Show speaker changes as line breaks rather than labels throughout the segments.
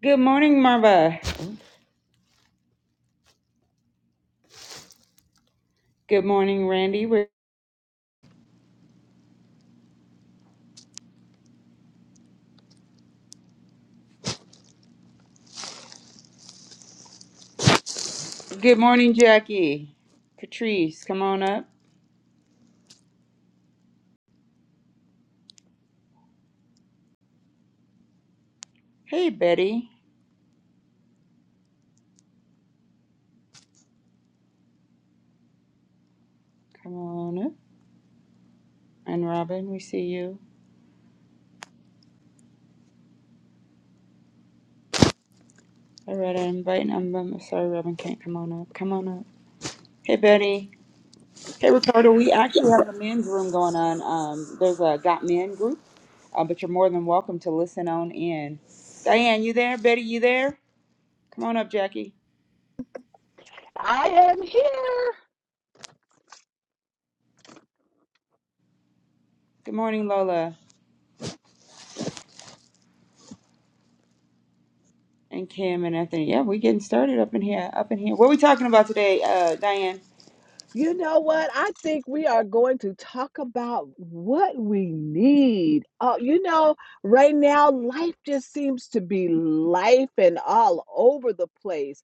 Good morning, Marva. Good morning, Randy. We're- Good morning, Jackie. Patrice, come on up. Hey, Betty, come on up. And Robin, we see you. I read an I'm I'm sorry, Robin can't come on up. Come on up. Hey, Betty. Hey, Ricardo. We actually have a men's room going on. Um, there's a Got Men group, uh, but you're more than welcome to listen on in. Diane, you there? Betty, you there? Come on up, Jackie.
I am here.
Good morning, Lola. And Kim and Anthony. Yeah, we getting started up in here, up in here. What are we talking about today, uh, Diane?
You know what? I think we are going to talk about what we need. Oh, you know, right now life just seems to be life and all over the place.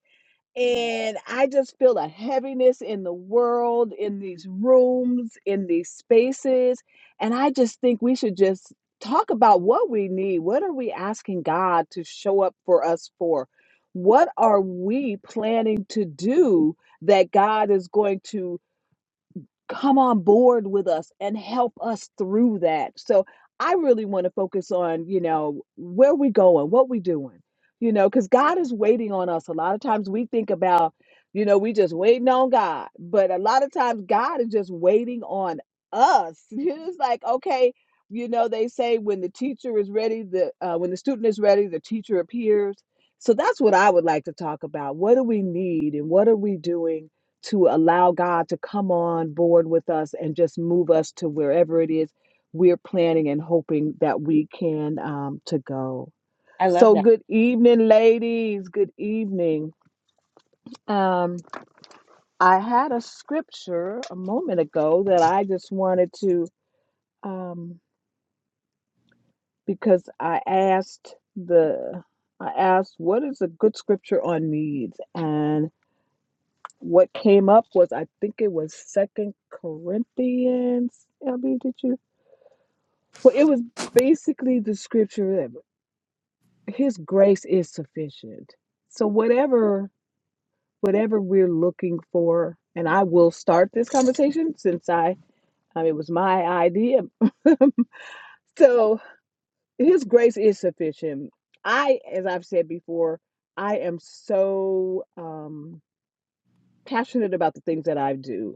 And I just feel a heaviness in the world, in these rooms, in these spaces. And I just think we should just talk about what we need. What are we asking God to show up for us for? What are we planning to do that God is going to? come on board with us and help us through that. So I really want to focus on, you know, where we going, what we doing, you know, because God is waiting on us. A lot of times we think about, you know, we just waiting on God, but a lot of times God is just waiting on us. It's like, okay, you know, they say when the teacher is ready, the uh, when the student is ready, the teacher appears. So that's what I would like to talk about. What do we need, and what are we doing? to allow God to come on board with us and just move us to wherever it is we're planning and hoping that we can um, to go.
I love
So
that.
good evening, ladies. Good evening. Um, I had a scripture a moment ago that I just wanted to um, because I asked the I asked what is a good scripture on needs and what came up was I think it was Second Corinthians. LB, did you? Well, it was basically the scripture that his grace is sufficient. So whatever whatever we're looking for, and I will start this conversation since I um, it was my idea. So his grace is sufficient. I, as I've said before, I am so um, passionate about the things that I do.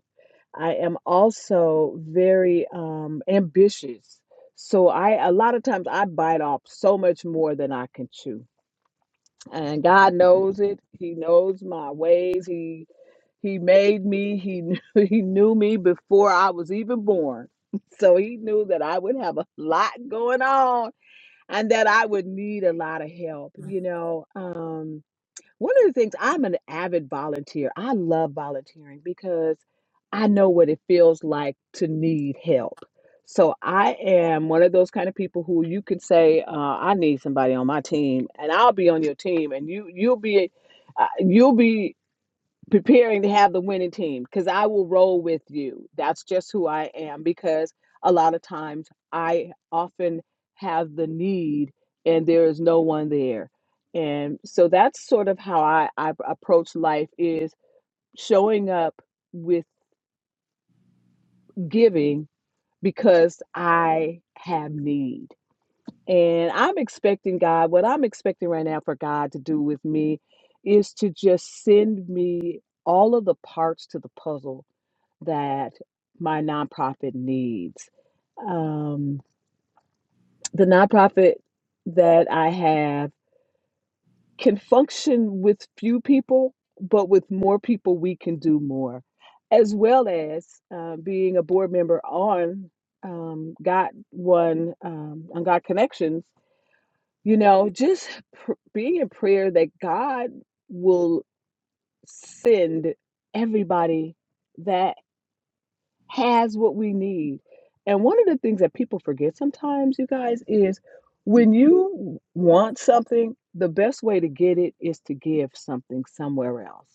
I am also very um, ambitious. So I a lot of times I bite off so much more than I can chew and God knows it. He knows my ways. He He made me. He knew, He knew me before I was even born, so He knew that I would have a lot going on and that I would need a lot of help. You know, um, one of the things I'm an avid volunteer. I love volunteering because I know what it feels like to need help. So I am one of those kind of people who you could say, uh, "I need somebody on my team," and I'll be on your team, and you you'll be uh, you'll be preparing to have the winning team because I will roll with you. That's just who I am because a lot of times I often have the need and there is no one there. And so that's sort of how I, I approach life is showing up with giving because I have need. And I'm expecting God, what I'm expecting right now for God to do with me is to just send me all of the parts to the puzzle that my nonprofit needs. Um, the nonprofit that I have can function with few people, but with more people, we can do more. As well as uh, being a board member on um, Got One, um, on God Connections, you know, just pr- being in prayer that God will send everybody that has what we need. And one of the things that people forget sometimes, you guys, is when you want something, the best way to get it is to give something somewhere else.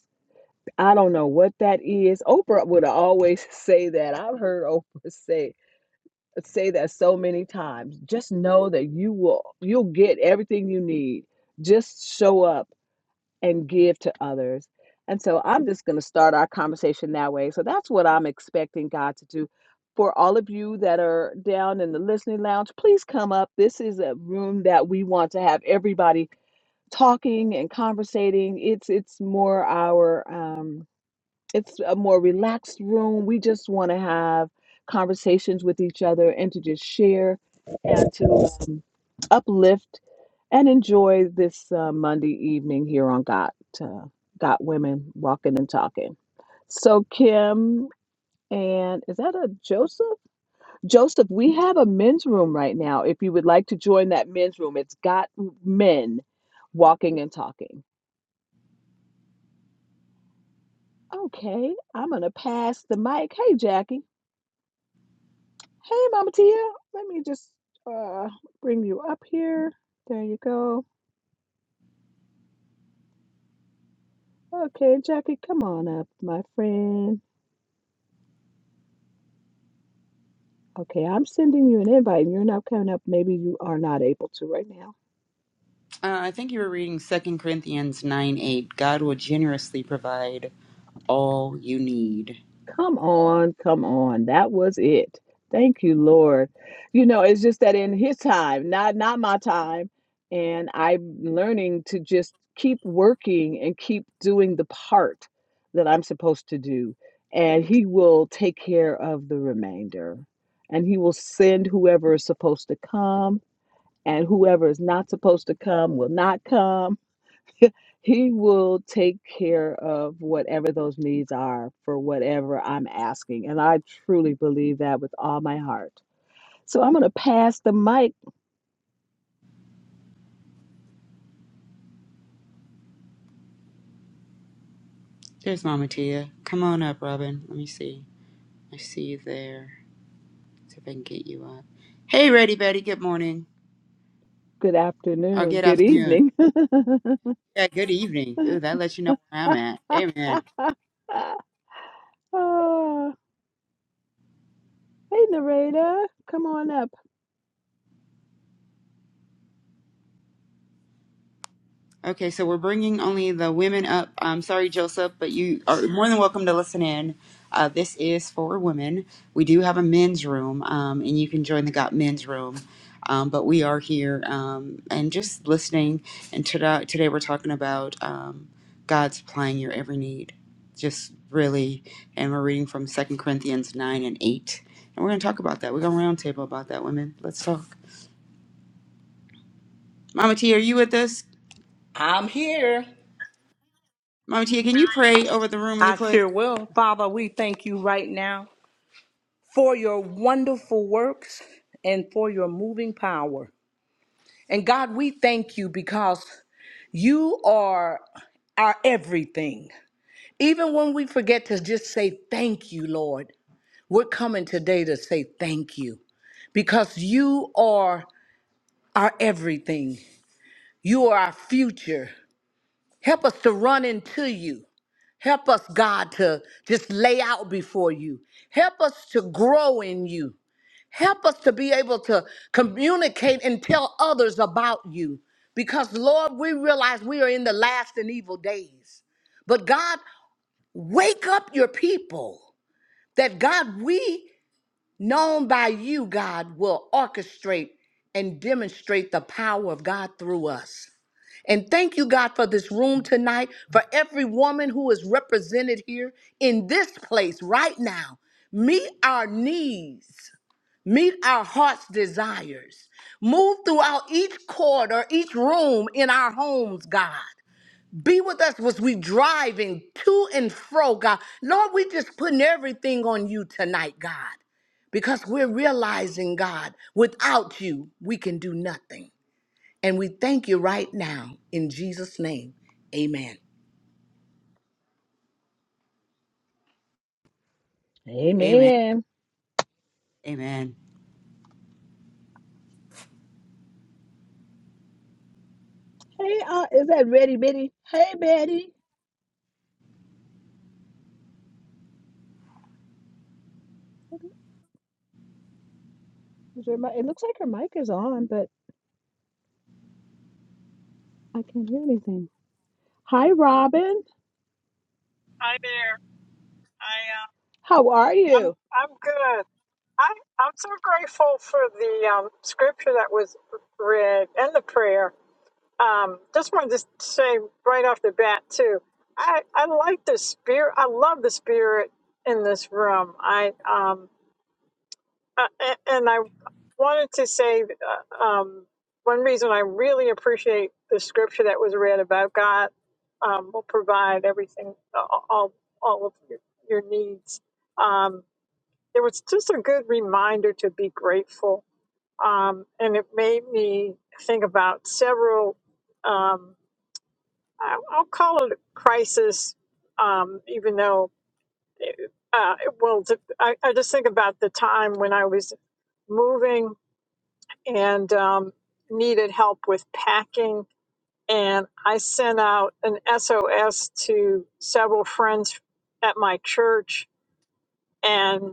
I don't know what that is. Oprah would always say that. I've heard Oprah say say that so many times. Just know that you will you'll get everything you need. Just show up and give to others. And so I'm just going to start our conversation that way. So that's what I'm expecting God to do. For all of you that are down in the listening lounge, please come up. This is a room that we want to have everybody talking and conversating. It's it's more our um, it's a more relaxed room. We just want to have conversations with each other and to just share and to um, uplift and enjoy this uh, Monday evening here on Got uh, Got Women Walking and Talking. So Kim and is that a Joseph? Joseph, we have a men's room right now. If you would like to join that men's room, it's Got Men Walking and Talking. Okay, I'm gonna pass the mic. Hey Jackie. Hey Mama Tia. Let me just uh, bring you up here. There you go. Okay, Jackie, come on up, my friend. Okay, I'm sending you an invite and you're not coming up. Maybe you are not able to right now.
Uh, I think you were reading Second Corinthians 9 8. God will generously provide all you need.
Come on, come on. That was it. Thank you, Lord. You know, it's just that in his time, not not my time. And I'm learning to just keep working and keep doing the part that I'm supposed to do. And he will take care of the remainder. And he will send whoever is supposed to come, and whoever is not supposed to come will not come He will take care of whatever those needs are for whatever I'm asking. And I truly believe that with all my heart. So I'm going to pass the mic.
There's Mama Tia. Come on up, Robin. Let me see. I see you there. See if I can get you up. Hey, Ready Betty. Good morning.
Good
Or
afternoon.
good
Good
afternoon.
evening.
Yeah, good evening. Ooh, that lets you know where I'm at. Amen.
Ah, hey, narrator. Come on up.
Okay, so we're bringing only the women up. I'm sorry, Joseph, but you are more than welcome to listen in. Uh, this is for women. We do have a men's room, um, and you can join the Got Men's room. Um, but we are here um, and just listening. And today, today we're talking about um, God supplying your every need. Just really, and we're reading from Second Corinthians 9 and 8. And we're going to talk about that. We're going to roundtable about that, women. Let's talk. Mama T, are you with us?
I'm here.
Mama Tia, can you pray over the room really
I
quick?
sure will. Father, we thank you right now for your wonderful works and for your moving power. And God, we thank you because you are our everything. Even when we forget to just say thank you, Lord, we're coming today to say thank you because you are our everything. You are our future. Help us to run into you. Help us, God, to just lay out before you. Help us to grow in you. Help us to be able to communicate and tell others about you. Because, Lord, we realize we are in the last and evil days. But, God, wake up your people that, God, we, known by you, God, will orchestrate and demonstrate the power of God through us. And thank you, God, for this room tonight, for every woman who is represented here in this place right now. Meet our needs, meet our heart's desires. Move throughout each corridor, each room in our homes, God. Be with us as we driving to and fro, God. Lord, we just putting everything on you tonight, God, because we're realizing, God, without you, we can do nothing. And we thank you right now in Jesus' name. Amen.
Amen.
Amen.
Amen.
Hey, uh, is that ready, Betty? Hey, Betty. Is your, mi- it looks like her mic is on, but I can't hear anything. Hi, Robin.
Hi there. I
How are
uh, I'm
you?
I'm good. I I'm so grateful for the um, scripture that was read and the prayer. Um, just wanted to say right off the bat too. I I like the spirit. I love the spirit in this room. I um uh, a- and I wanted to say uh, um one reason I really appreciate the scripture that was read about God um, will provide everything all all all of your, your needs. Um, it was just a good reminder to be grateful. Um, and it made me think about several, um, I- I'll call it a crisis, um, even though, it, uh, it- well, t- I, I just think about the time when I was moving and um, needed help with packing. And I sent out an SOS to several friends at my church. and.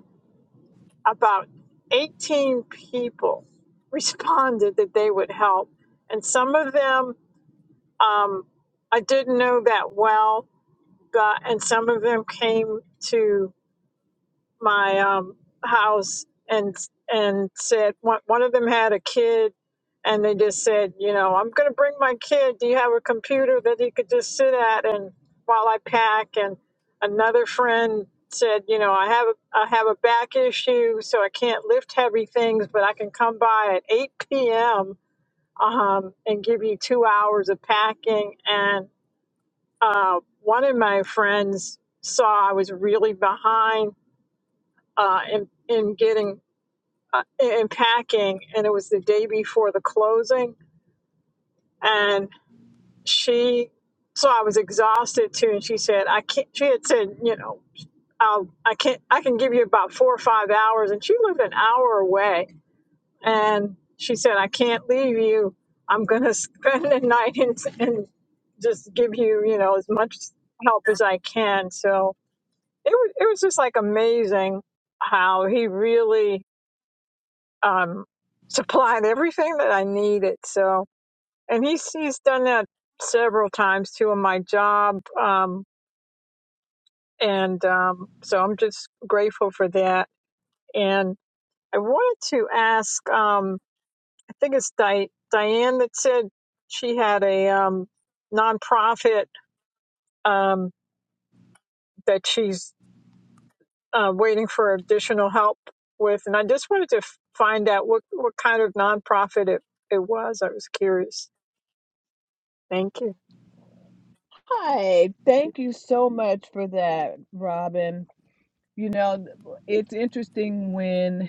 about 18 people responded that they would help. And some of them um, I didn't know that well, but, and some of them came to my um, house and and said one, one of them had a kid and they just said you know i'm going to bring my kid do you have a computer that he could just sit at and while i pack and another friend said you know i have a i have a back issue so i can't lift heavy things but i can come by at 8 p.m um, and give you two hours of packing and uh, one of my friends saw i was really behind uh, in, in getting uh, in packing, and it was the day before the closing. And she, so I was exhausted too. And she said, "I can't." She had said, "You know, I'll, I can't. I can give you about four or five hours." And she lived an hour away, and she said, "I can't leave you. I'm going to spend the night and, and just give you, you know, as much help as I can." So it was, it was just like amazing how he really um, supplied everything that I needed. So, and he's he's done that several times too in my job, um, and um, so I'm just grateful for that. And I wanted to ask, um, I think it's Di- Diane that said she had a um, nonprofit um, that she's uh, waiting for additional help with, and I just wanted to f- find out what what kind of nonprofit it it was. I was curious. Thank you.
Hi. Thank you so much for that, Robin. You know, it's interesting when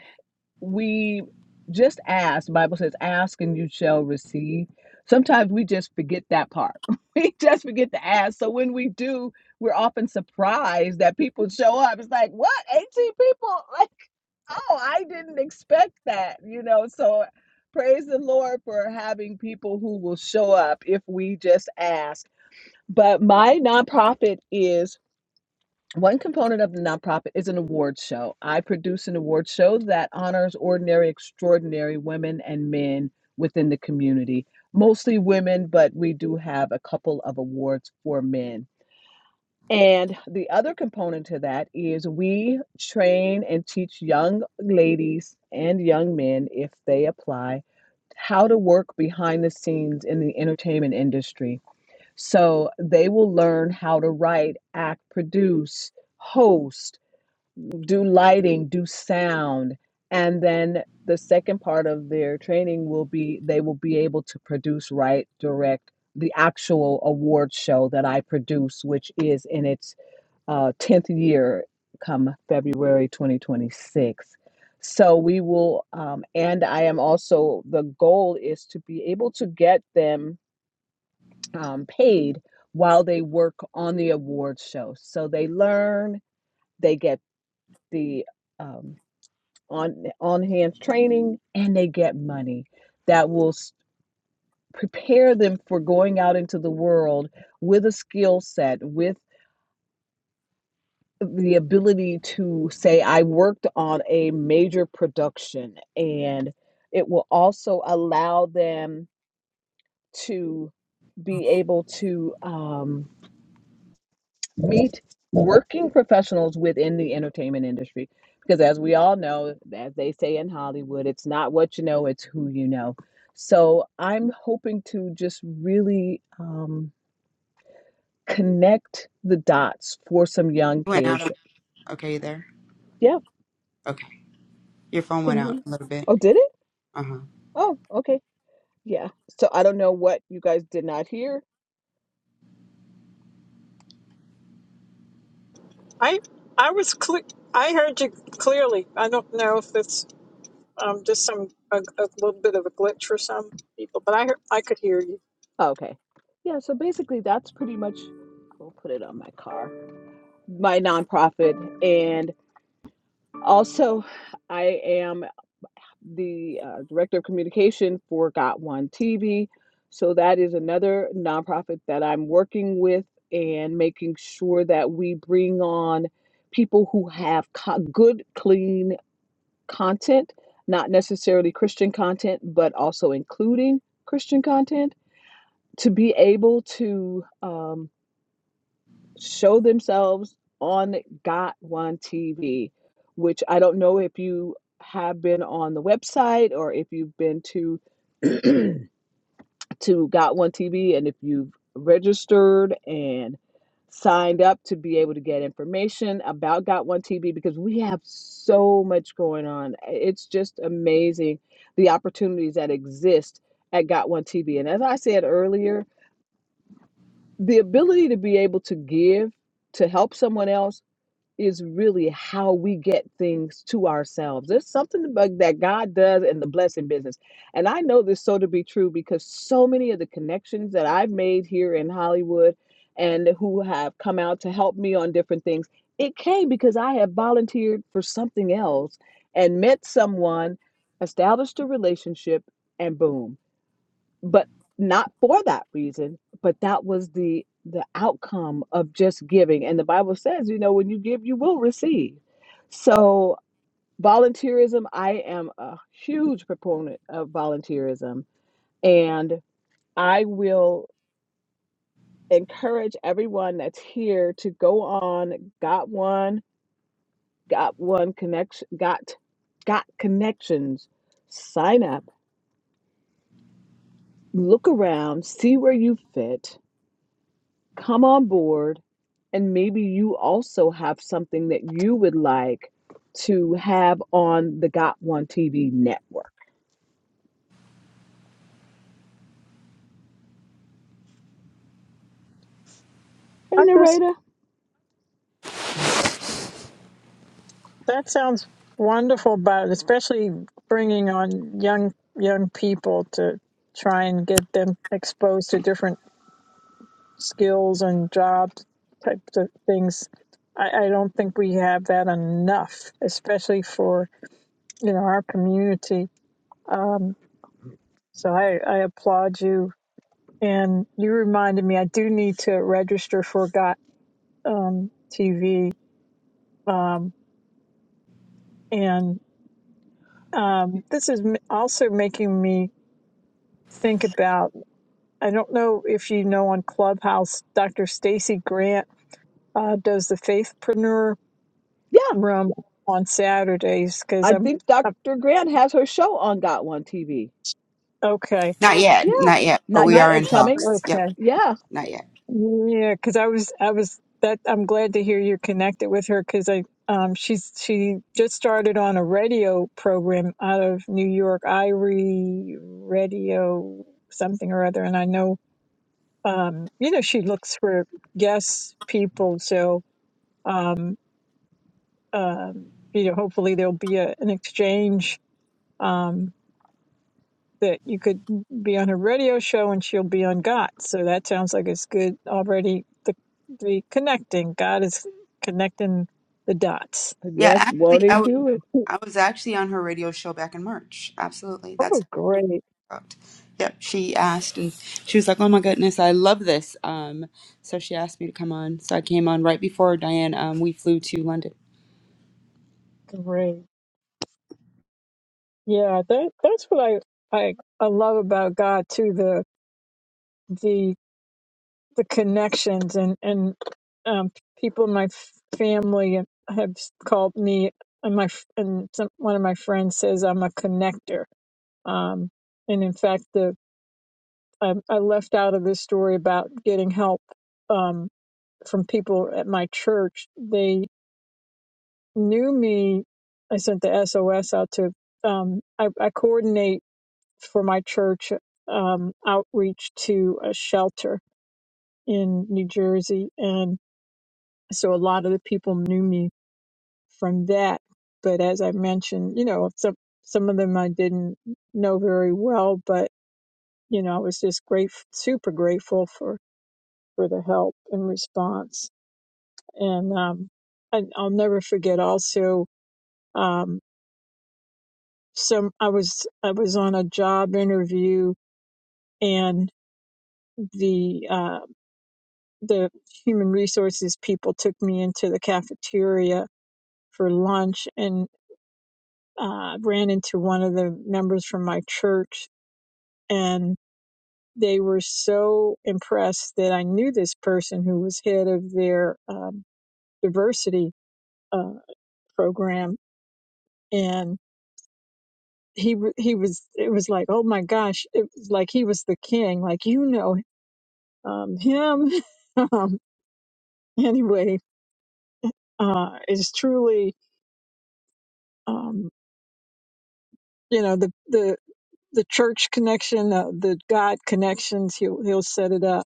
we just ask, The Bible says, ask and you shall receive. Sometimes we just forget that part. We just forget to ask. So when we do, we're often surprised that people show up. It's like, what? 18 people? Like, oh, I didn't expect that, you know? So praise the Lord for having people who will show up if we just ask. But my nonprofit is one component of the nonprofit is an award show. I produce an award show that honors ordinary, extraordinary women and men within the community, mostly women, but we do have a couple of awards for men. And the other component to that is we train and teach young ladies and young men, if they apply, how to work behind the scenes in the entertainment industry. So they will learn how to write, act, produce, host do lighting, do sound, and then the second part of their training will be they will be able to produce, write, direct the actual award show that I produce, which is in its uh, 10th year come February 2026. So we will, um, and I am also, the goal is to be able to get them um, paid while they work on the award show. So they learn, they get the um, on on hands training and they get money that will s- prepare them for going out into the world with a skill set with the ability to say i worked on a major production and it will also allow them to be able to um, meet working professionals within the entertainment industry because as we all know as they say in hollywood it's not what you know it's who you know so i'm hoping to just really um, connect the dots for some young
You Went
kids
out. Okay, you there?
yeah
Okay. Your phone
can
went
you hear
out
me
a little bit.
oh did it
Uh huh.
oh okay yeah so i don't know what you guys did not hear
I I was cle- I heard you clearly. I don't know if it's um just some a, a little bit of a glitch for some people, but I hear- I could hear you.
Oh, okay yeah so basically that's pretty much i'll put it on my car my nonprofit and. Also, I am the uh, director of communication for Got One TV. So, that is another nonprofit that I'm working with and making sure that we bring on people who have co- good, clean content, not necessarily Christian content, but also including Christian content to be able to. um, show themselves on Got One TV, which I don't know if you have been on the website or if you've been to to Got One TV and if you've registered and signed up to be able to get information about Got One TV because we have so much going on. It's just amazing the opportunities that exist at Got One TV. And as I said earlier, the ability to be able to give to help someone else is really how we get things to ourselves. There's something about that God does in the blessing business. And I know this so to be true because so many of the connections that I've made here in Hollywood and who have come out to help me on different things, it came because I have volunteered for something else and met someone, established a relationship, and boom but not for that reason but that was the the outcome of just giving and the bible says you know when you give you will receive so volunteerism i am a huge proponent of volunteerism and i will encourage everyone that's here to go on got one got one connection got got connections sign up look around see where you fit come on board and maybe you also have something that you would like to have on the Got One TV network. Hey,
I just
narrator.
that sounds wonderful, but especially bringing on young young people to try and get them exposed to different skills and jobs types of things. I, I don't think we have that enough, especially for you know our community. Um, so I, I applaud you and you reminded me I do need to register for Got um, TV, um, and um, this is m- also making me think about. I don't know if you know on Clubhouse, Dr. Stacy Grant uh, does the Faithpreneur
Yeah,
Room on Saturdays because
I
I'm,
think
I'm
Dr. Grant has her show on Got One TV.
okay,
Not yet.
Yeah,
Not yet. But
not
we
not
are
yet.
in
It's coming.
talks.
okay.
Yep.
Yeah.
Not yet.
Yeah, because I was, I was that I'm glad to hear you're connected with her because I, um, she's she just started on a radio program out of New York, Irie Radio something or other, and I know, um, you know, she looks for guest people, so um, um, you know, hopefully there'll be a, an exchange. Um, that you could be on her radio show and she'll be on God. So that sounds like it's good already. The the connecting God is connecting the dots.
Yeah.
Yes, won't
Actually,
he
I was
do it?
I was actually on her radio show back in March. Absolutely.
Oh,
That's
great,
correct. Yep. She asked and she was like, "Oh my goodness, I love this." Um. So she asked me to come on. So I came on right before Diane. Um. We flew to London.
great. Yeah, that that's what I I, I love about God too. The the the connections and and um, people in my family have called me and my and some, one of my friends says I'm a connector. Um, and in fact, the I, I left out of this story about getting help um, from people at my church. They knew me. I sent the SOS out to. Um, I, I coordinate for my church um, outreach to a shelter in New Jersey, and so a lot of the people knew me from that. But as I mentioned, you know, some some of them I didn't know very well, but you know, I was just grateful, super grateful for for the help and response. And um, I, I'll never forget also um, some I was I was on a job interview and the uh, the human resources people took me into the cafeteria for lunch and uh, ran into one of the members from my church and they were so impressed that I knew this person who was head of their um, diversity uh, program And he w- he was it was like oh my gosh it was like he was the king like you know um him um anyway uh is truly um you know the the the church connection uh, the god connections he'll he'll set it up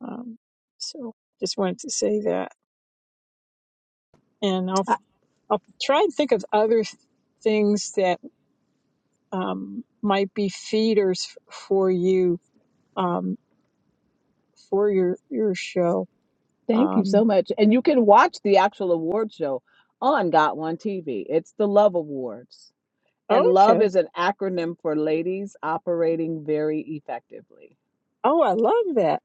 um so just wanted to say that and i'll
I,
i'll try and think of other things that um might be feeders f- for you um for your your show
thank you
um
so much. And you can watch the actual award show on Got One TV. It's the Love Awards. And
okay.
love is an acronym for Ladies Operating Very Effectively.
Oh, I love that.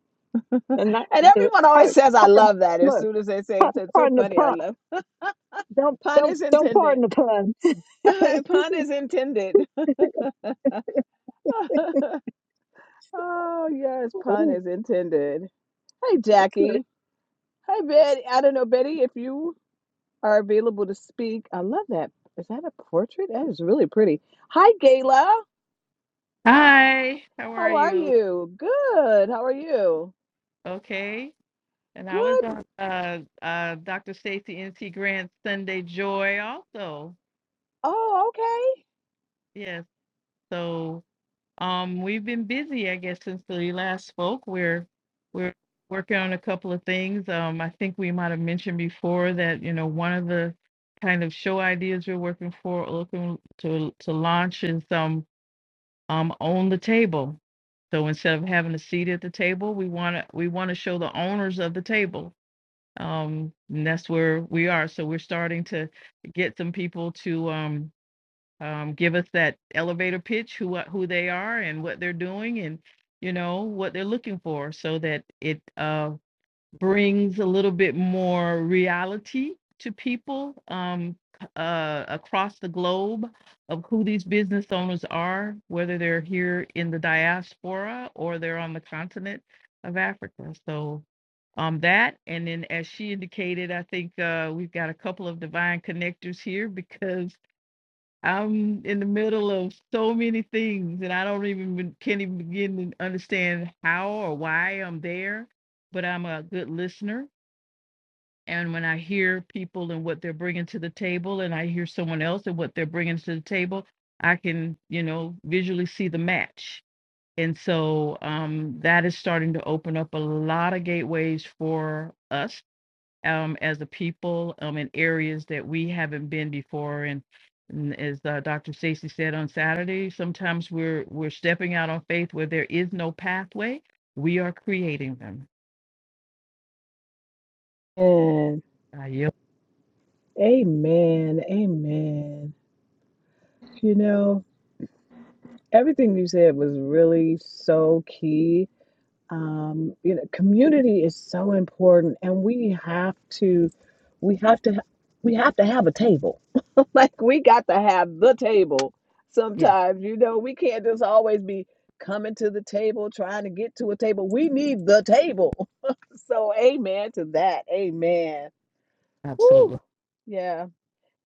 And
And not the
everyone always
hard,
says, I
hard
love that as
look.
soon as they say
pa-
it. It's so
Pardon the
funny. I
pun.
love
Don't
pun
don't
is
don't
intended.
pardon the pun.
pun is intended. oh, yes, pun
Okay.
is intended. Hey, Jackie. Hey, Betty. I don't know, Betty, if you are available to speak. I love that. Is that a portrait? That is really pretty. Hi, Gayla.
Hi, how are
How are
you?
you? Good. How are you?
Okay. And I was
Good.
on uh, uh, Dr. Stacey N.C. Grant's Sunday Joy also.
Oh, okay.
Yes. So um, we've been busy, I guess, since the last spoke. We're we're working on a couple of things. Um, I think we might have mentioned before that you know one of the kind of show ideas we're working for, looking to to launch is um um, on the table. So instead of having a seat at the table, we want to we want to show the owners of the table. Um, and that's where we are. So we're starting to get some people to um, um, give us that elevator pitch, who uh, who they are and what they're doing, and you know what they're looking for, so that it uh, brings a little bit more reality to people um, uh, across the globe of who these business owners are, whether they're here in the diaspora or they're on the continent of Africa. So um, that, and then as she indicated, I think uh, we've got a couple of divine connectors here because I'm in the middle of so many things, and I don't even be- can't even begin to understand how or why I'm there. But I'm a good listener, and when I hear people and what they're bringing to the table, and I hear someone else and what they're bringing to the table, I can you know visually see the match, and so um, that is starting to open up a lot of gateways for us um, as a people um, in areas that we haven't been before. And, and as uh, Dr. Stacy said on Saturday, sometimes we're we're stepping out on faith where there is no pathway. We are creating them.
And
I yield.
amen. Amen. You know, Everything you said was really so key. Um, you know, community is so important, and we have to, we have to, we have to have a table. Like we got to have the table.
Yeah,
Sometimes, you know, we can't just always be coming to the table trying to get to a table. We need the table. So, amen to that. Amen.
absolutely.
Woo. Yeah.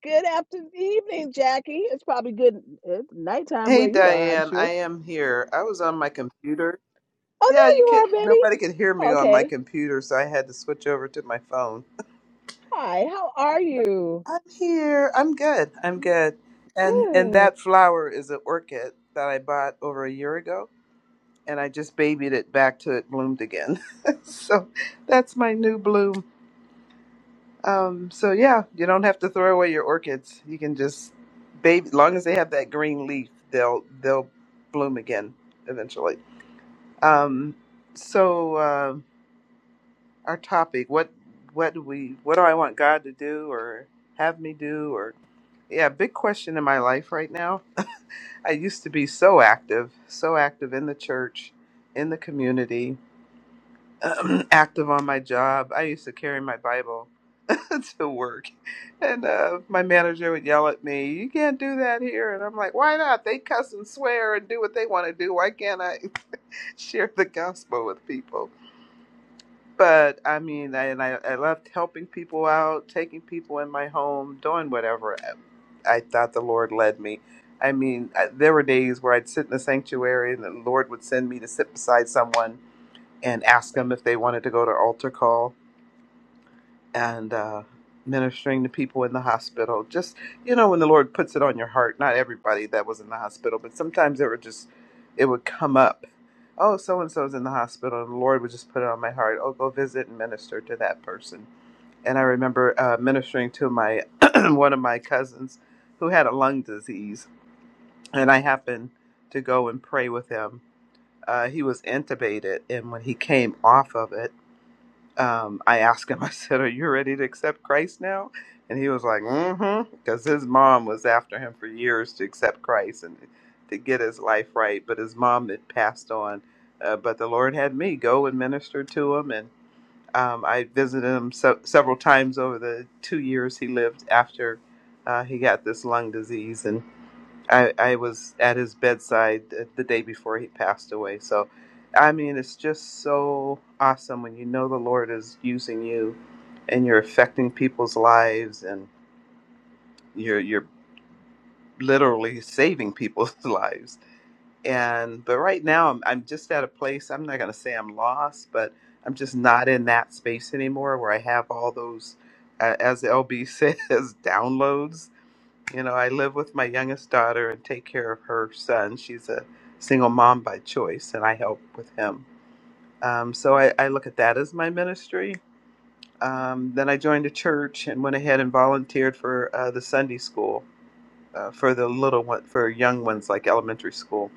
Good afternoon, evening, Jackie. It's probably good it's nighttime
Hey
where you are, I'm
Diane,
sure.
I am here. I was on my computer.
Oh,
Yeah,
there
you
you
could
are,
nobody could hear me
Betty.
on my
Okay.
computer, so I had to switch over to my phone.
Hi, how are you?
I'm here. I'm good. I'm good. And and
Good.
that flower is an orchid that I bought over a year ago, and I just babied it back to it bloomed again. so that's my new bloom. Um, so yeah, you don't have to throw away your orchids. You can just baby, long as they have that green leaf, they'll they'll bloom again eventually. Um, so uh, our topic: what what do we what do I want God to do or have me do or yeah, big question in my life right now. I used to be so active, so active in the church, in the community, active on my job. I used to carry my Bible to work, and uh, my manager would yell at me, "You can't do that here," and I'm like, "Why not? They cuss and swear and do what they want to do. Why can't I?" share the gospel with people. But I mean, I, and I, I loved helping people out, taking people in my home, doing whatever I, I thought the Lord led me. I mean, I, there were days where I'd sit in the sanctuary and the Lord would send me to sit beside someone and ask them if they wanted to go to altar call and uh, ministering to people in the hospital. Just, you know, when the Lord puts it on your heart, not everybody that was in the hospital, but sometimes it would just, it would come up oh, so and so's in the hospital, and the Lord would just put it on my heart, oh, go visit and minister to that person. And I remember uh, ministering to my one of my cousins who had a lung disease, and I happened to go and pray with him. Uh, he was intubated, and when he came off of it, um, I asked him, I said, Are you ready to accept Christ now? And he was like, Mm hmm. Because his mom was after him for years to accept Christ and to get his life right. But his mom had passed on. Uh, but the Lord had me go and minister to him. And um, I visited him se- several times over the two years he lived after uh, he got this lung disease. and. I, I was at his bedside the the day before he passed away. So, I mean, it's just so awesome when you know the Lord is using you and you're affecting people's lives and you're, you're literally saving people's lives. And, but right now, I'm, I'm just at a place, I'm not going to say I'm lost, but I'm just not in that space anymore where I have all those, uh, as LB says, downloads you know, I live with my youngest daughter and take care of her son. She's a single mom by choice, and I help with him. Um, so I, I look at that as my ministry. Um, then I joined a church and went ahead and volunteered for uh, the Sunday school uh, for the little one, for young ones like elementary school.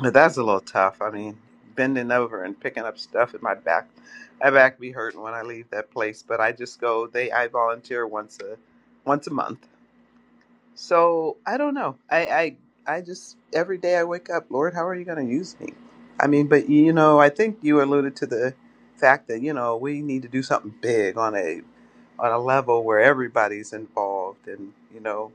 But that's a little tough. I mean, bending over and picking up stuff in my back, my back be hurting when I leave that place. But I just go. They I volunteer once a once a month So I don't know. I, I I just every day I wake up, Lord, how are you going to use me? I mean, but you know, I think you alluded to the fact that you know we need to do something big on a on a level where everybody's involved, and you know,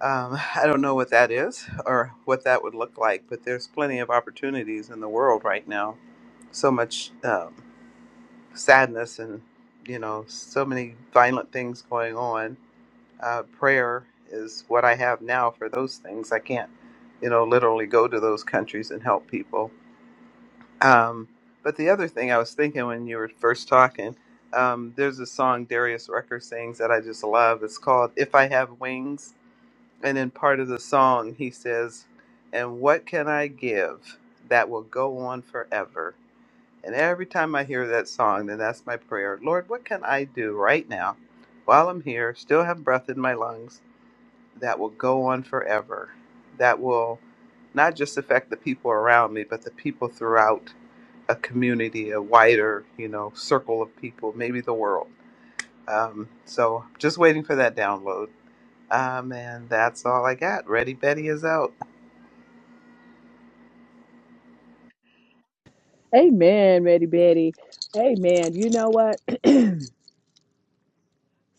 um, I don't know what that is or what that would look like, but there's plenty of opportunities in the world right now. So much um, sadness and you know, so many violent things going on uh, prayer is what I have now for those things. I can't, you know, literally go to those countries and help people. Um, but the other thing I was thinking when you were first talking, um, there's a song Darius Rucker sings that I just love. It's called If I Have Wings. And in part of the song, he says, And what can I give that will go on forever? And every time I hear that song, then that's my prayer. Lord, what can I do right now while I'm here, still have breath in my lungs? that will go on forever, that will not just affect the people around me, but the people throughout a community, a wider, you know, circle of people, maybe the world. Um, so just waiting for that download. Um, and that's all I got. Ready Betty is out.
Amen, Betty Betty. Amen. You know what?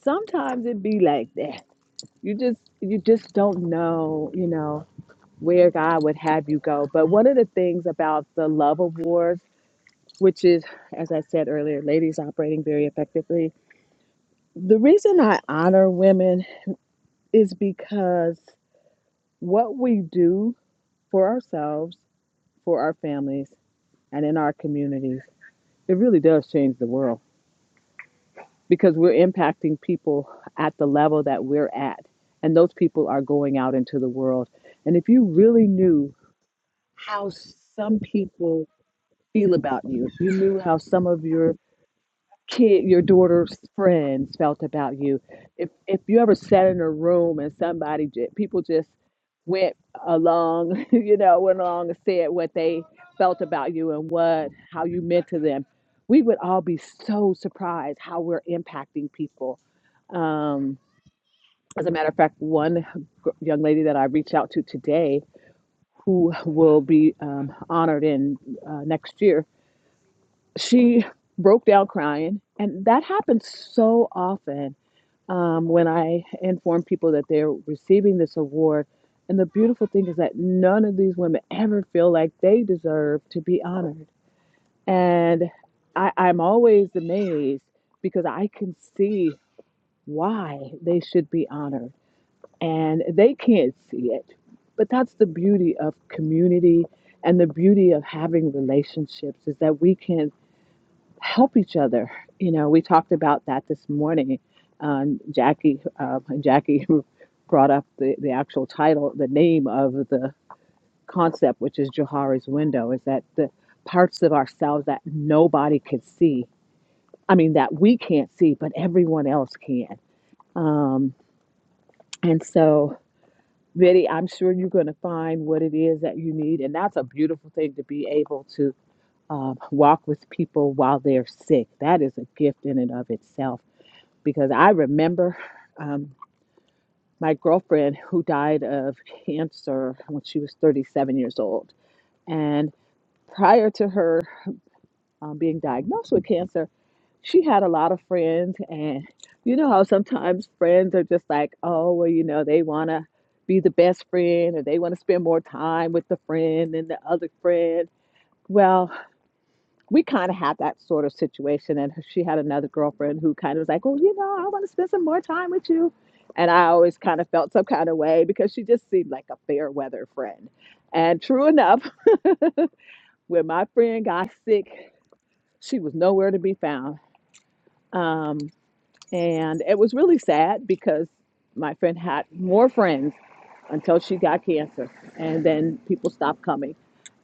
Sometimes it be like that. You just you just don't know, you know, where God would have you go. But one of the things about the Love Award, which is, as I said earlier, ladies operating very effectively. The reason I honor women is because what we do for ourselves, for our families. and in our communities, it really does change the world because we're impacting people at the level that we're at. And those people are going out into the world. And if you really knew how some people feel about you, if you knew how some of your kid, your daughter's friends felt about you. If if you ever sat in a room and somebody ju- people just went along, you know, went along and said what they felt about you and what how you meant to them, we would all be so surprised how we're impacting people. Um, as a matter of fact, one gr- young lady that I reached out to today, who will be um, honored in uh, next year, she broke down crying and that happens so often um, when i inform people that they're receiving this award and the beautiful thing is that none of these women ever feel like they deserve to be honored and I, i'm always amazed because i can see why they should be honored and they can't see it but that's the beauty of community and the beauty of having relationships is that we can help each other. You know, we talked about that this morning. Um, Jackie uh, Jackie brought up the, the actual title, the name of the concept, which is Johari's window, is that the parts of ourselves that nobody could see. I mean, that we can't see, but everyone else can. Um, and so, Biddy, I'm sure you're going to find what it is that you need, and that's a beautiful thing to be able to um, walk with people while they're sick. That is a gift in and of itself because I remember um, my girlfriend who died of cancer when she was 37 years old. And prior to her um, being diagnosed with cancer, she had a lot of friends. And you know how sometimes friends are just like, oh, well, you know, they want to be the best friend or they want to spend more time with the friend than the other friend. Well, we kind of had that sort of situation. And she had another girlfriend who kind of was like, well, you know, I want to spend some more time with you. And I always kind of felt some kind of way because she just seemed like a fair weather friend. And true enough, when my friend got sick, she was nowhere to be found. Um, and it was really sad because my friend had more friends until she got cancer. And then people stopped coming.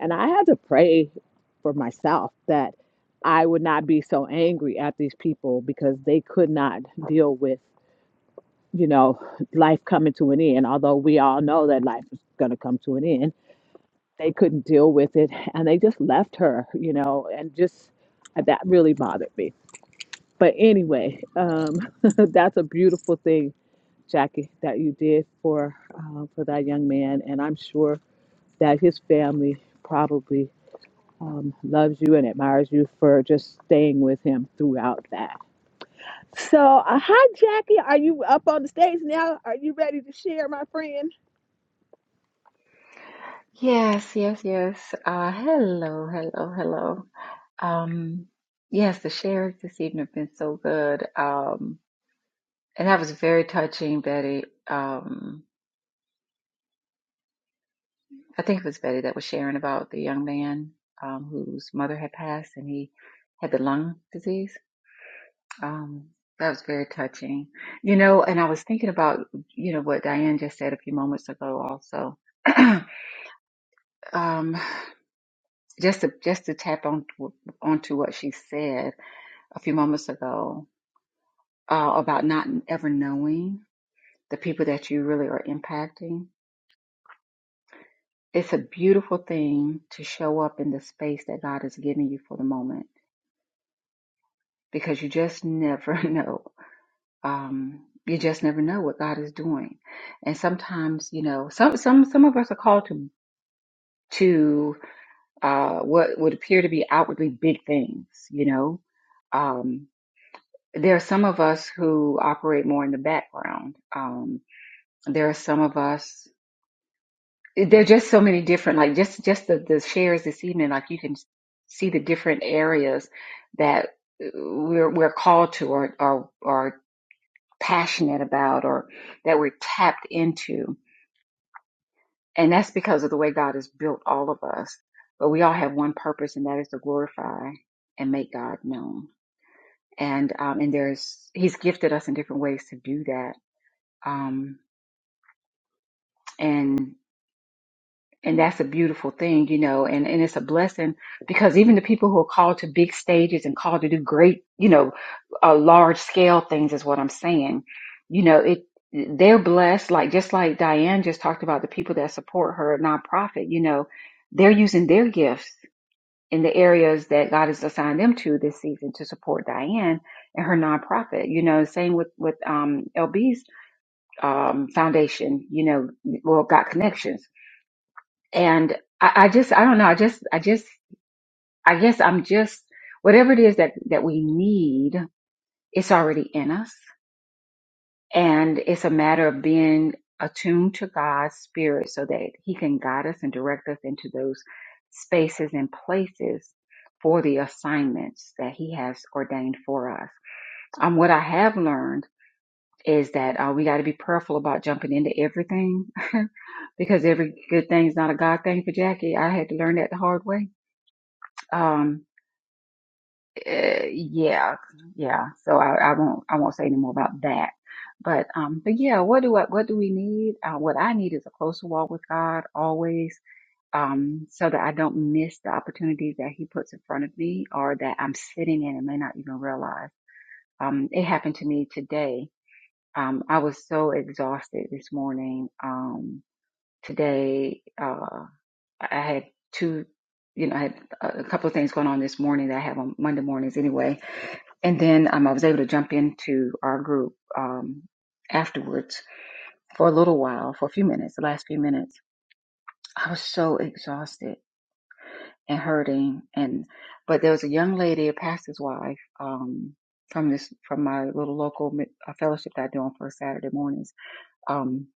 And I had to pray for myself that I would not be so angry at these people because they could not deal with, you know, life coming to an end. Although we all know that life is going to come to an end, they couldn't deal with it. And they just left her, you know, and just that really bothered me. But anyway, um, that's a beautiful thing Jackie, that you did for uh, for that young man, and I'm sure that his family probably um, loves you and admires you for just staying with him throughout that. So, uh, hi, Jackie. Are you up on the stage now? Are you ready to share, my friend?
Yes, yes, yes. Uh, hello, hello, hello. Um, yes, the shares this evening have been so good. Um, and that was very touching, Betty. Um, I think it was Betty that was sharing about the young man um, whose mother had passed and he had the lung disease. Um, that was very touching. You know, and I was thinking about, you know, what Diane just said a few moments ago also. um, just to just to tap on onto what she said a few moments ago uh, about not ever knowing the people that you really are impacting. It's a beautiful thing to show up in the space that God is giving you for the moment because you just never know. Um, you just never know what God is doing, and sometimes you know some some some of us are called to to uh, what would appear to be outwardly big things. You know, um, there are some of us who operate more in the background. Um, there are some of us there's just so many different like just just the, the shares this evening like you can see the different areas that uh, we're we're called to or or or passionate about or that we're tapped into and that's because of the way God has built all of us but we all have one purpose and that is to glorify and make God known and um and there's he's gifted us in different ways to do that um and and that's a beautiful thing, you know, and, and it's a blessing because even the people who are called to big stages and called to do great, you know, uh, large scale things is what I'm saying. You know, it, they're blessed, like just like Diane just talked about the people that support her nonprofit, you know, they're using their gifts in the areas that God has assigned them to this season to support Diane and her nonprofit, you know, same with, with, um, LB's, um, foundation, you know, well, got connections and I, I just I don't know. I just I just I guess I'm just whatever it is that that we need, it's already in us, and it's a matter of being attuned to God's spirit so that He can guide us and direct us into those spaces and places for the assignments that He has ordained for us. Um, what I have learned is that uh, we got to be prayerful about jumping into everything because every good thing's not a God thing for Jackie. I had to learn that the hard way Um, eh, yeah, yeah. So I, I won't, I won't say any more about that. But, um, but yeah, what do I, what do we need? Uh, what I need is a closer walk with God always, um, so that I don't miss the opportunities that He puts in front of me or that I'm sitting in and may not even realize. Um, it happened to me today. Um, I was so exhausted this morning. Um, today, uh, I had two, you know, I had a a couple of things going on this morning that I have on Monday mornings anyway And then um, I was able to jump into our group um, afterwards for a little while, for a few minutes, the last few minutes. I was so exhausted and hurting. And but there was a young lady, a pastor's wife, um, from this from my little local mi- uh, fellowship that I do on first Saturday mornings. Um,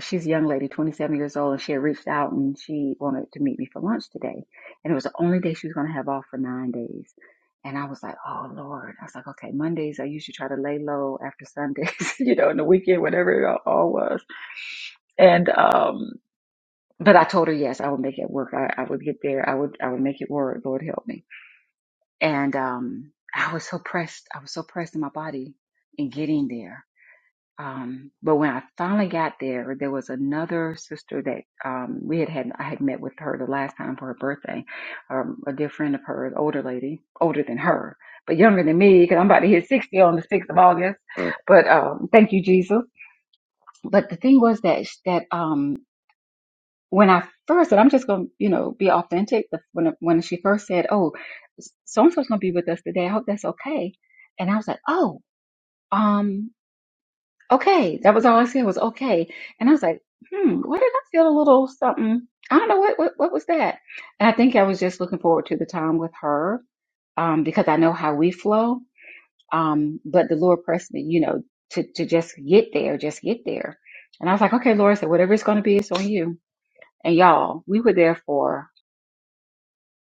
she's a young lady, 27 years old, and she had reached out and she wanted to meet me for lunch today. And it was the only day she was going to have off for nine days. And I was like, oh Lord. I was like, okay, Mondays, I usually try to lay low after Sundays, you know, in the weekend, whatever it all was. And, um, but I told her, yes, I would make it work. I, I would get there. I would, I would make it work. Lord help me. And, um, I was so pressed. I was so pressed in my body in getting there um, but when I finally got there, there was another sister that um, we had had. I had met with her the last time for her birthday. Um, a dear friend of hers, older lady, older than her, but younger than me, because I'm about to hit sixty on the sixth of August. Mm. But um, thank you, Jesus. But the thing was that that um, when I first, and I'm just gonna you know be authentic. the- When when she first said, "Oh, so and so's gonna be with us today," I hope that's okay, and I was like, "Oh." Um, okay. That was all I said was okay. And I was like, hmm, why did I feel a little something? I don't know what, what what was that. And I think I was just looking forward to the time with her, um, because I know how we flow. Um, but the Lord pressed me, you know, to to just get there, just get there. And I was like, okay, Lord, so whatever it's gonna be, it's on you. And y'all, we were there for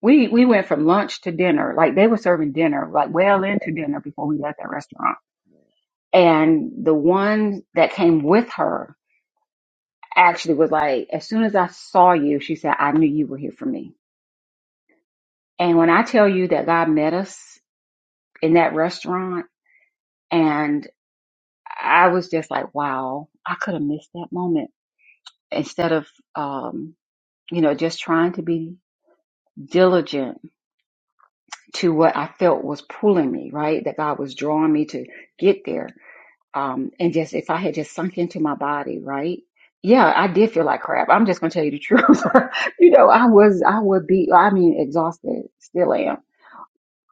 we we went from lunch to dinner. Like they were serving dinner, like well into dinner before we left that restaurant. And the one that came with her actually was like, as soon as I saw you, she said, I knew you were here for me. And when I tell you that God met us in that restaurant, and I was just like, wow, I could have missed that moment instead of, um, you know, just trying to be diligent to what I felt was pulling me, right? That God was drawing me to get there. um, and just if I had just sunk into my body, right? Yeah, I did feel like crap. I'm just gonna tell you the truth. you know, I was, I would be, I mean, exhausted, still am.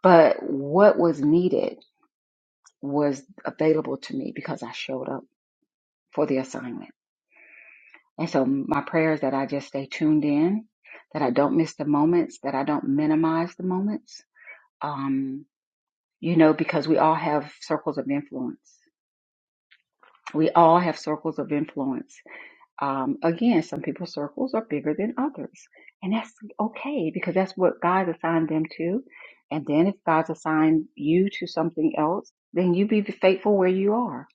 But what was needed was available to me because I showed up for the assignment. And so my prayer is that I just stay tuned in, that I don't miss the moments, that I don't minimize the moments. Um, you know, because we all have circles of influence. We all have circles of influence Um, again, some people's circles are bigger than others, and that's okay because that's what God assigned them to. And then if God's assigned you to something else, then you be faithful where you are.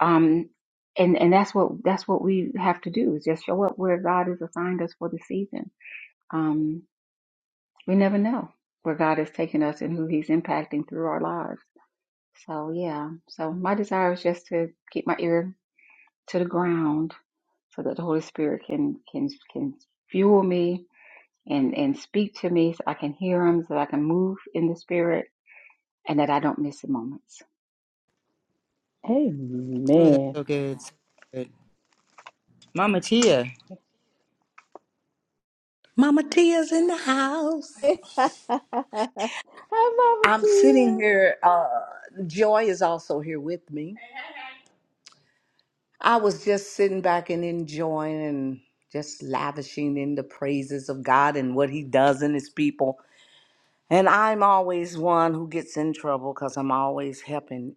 Um, and and that's what that's what we have to do is just show up where God has assigned us for the season. Um, we never know where God has taken us and who He's impacting through our lives. So yeah, so my desire is just to keep my ear to the ground so that the Holy Spirit can can can fuel me and and speak to me so I can hear him so I can move in the spirit and that I don't miss the moments.
Oh, that's
Amen.
so good. So good. Mama Tia.
Mama Tia's in the house.
hi, Mama
I'm sitting
Tia.
here. Uh, Joy is also here with me. I was just sitting back and enjoying and just lavishing in the praises of God and what He does in His people. And I'm always one who gets in trouble because I'm always helping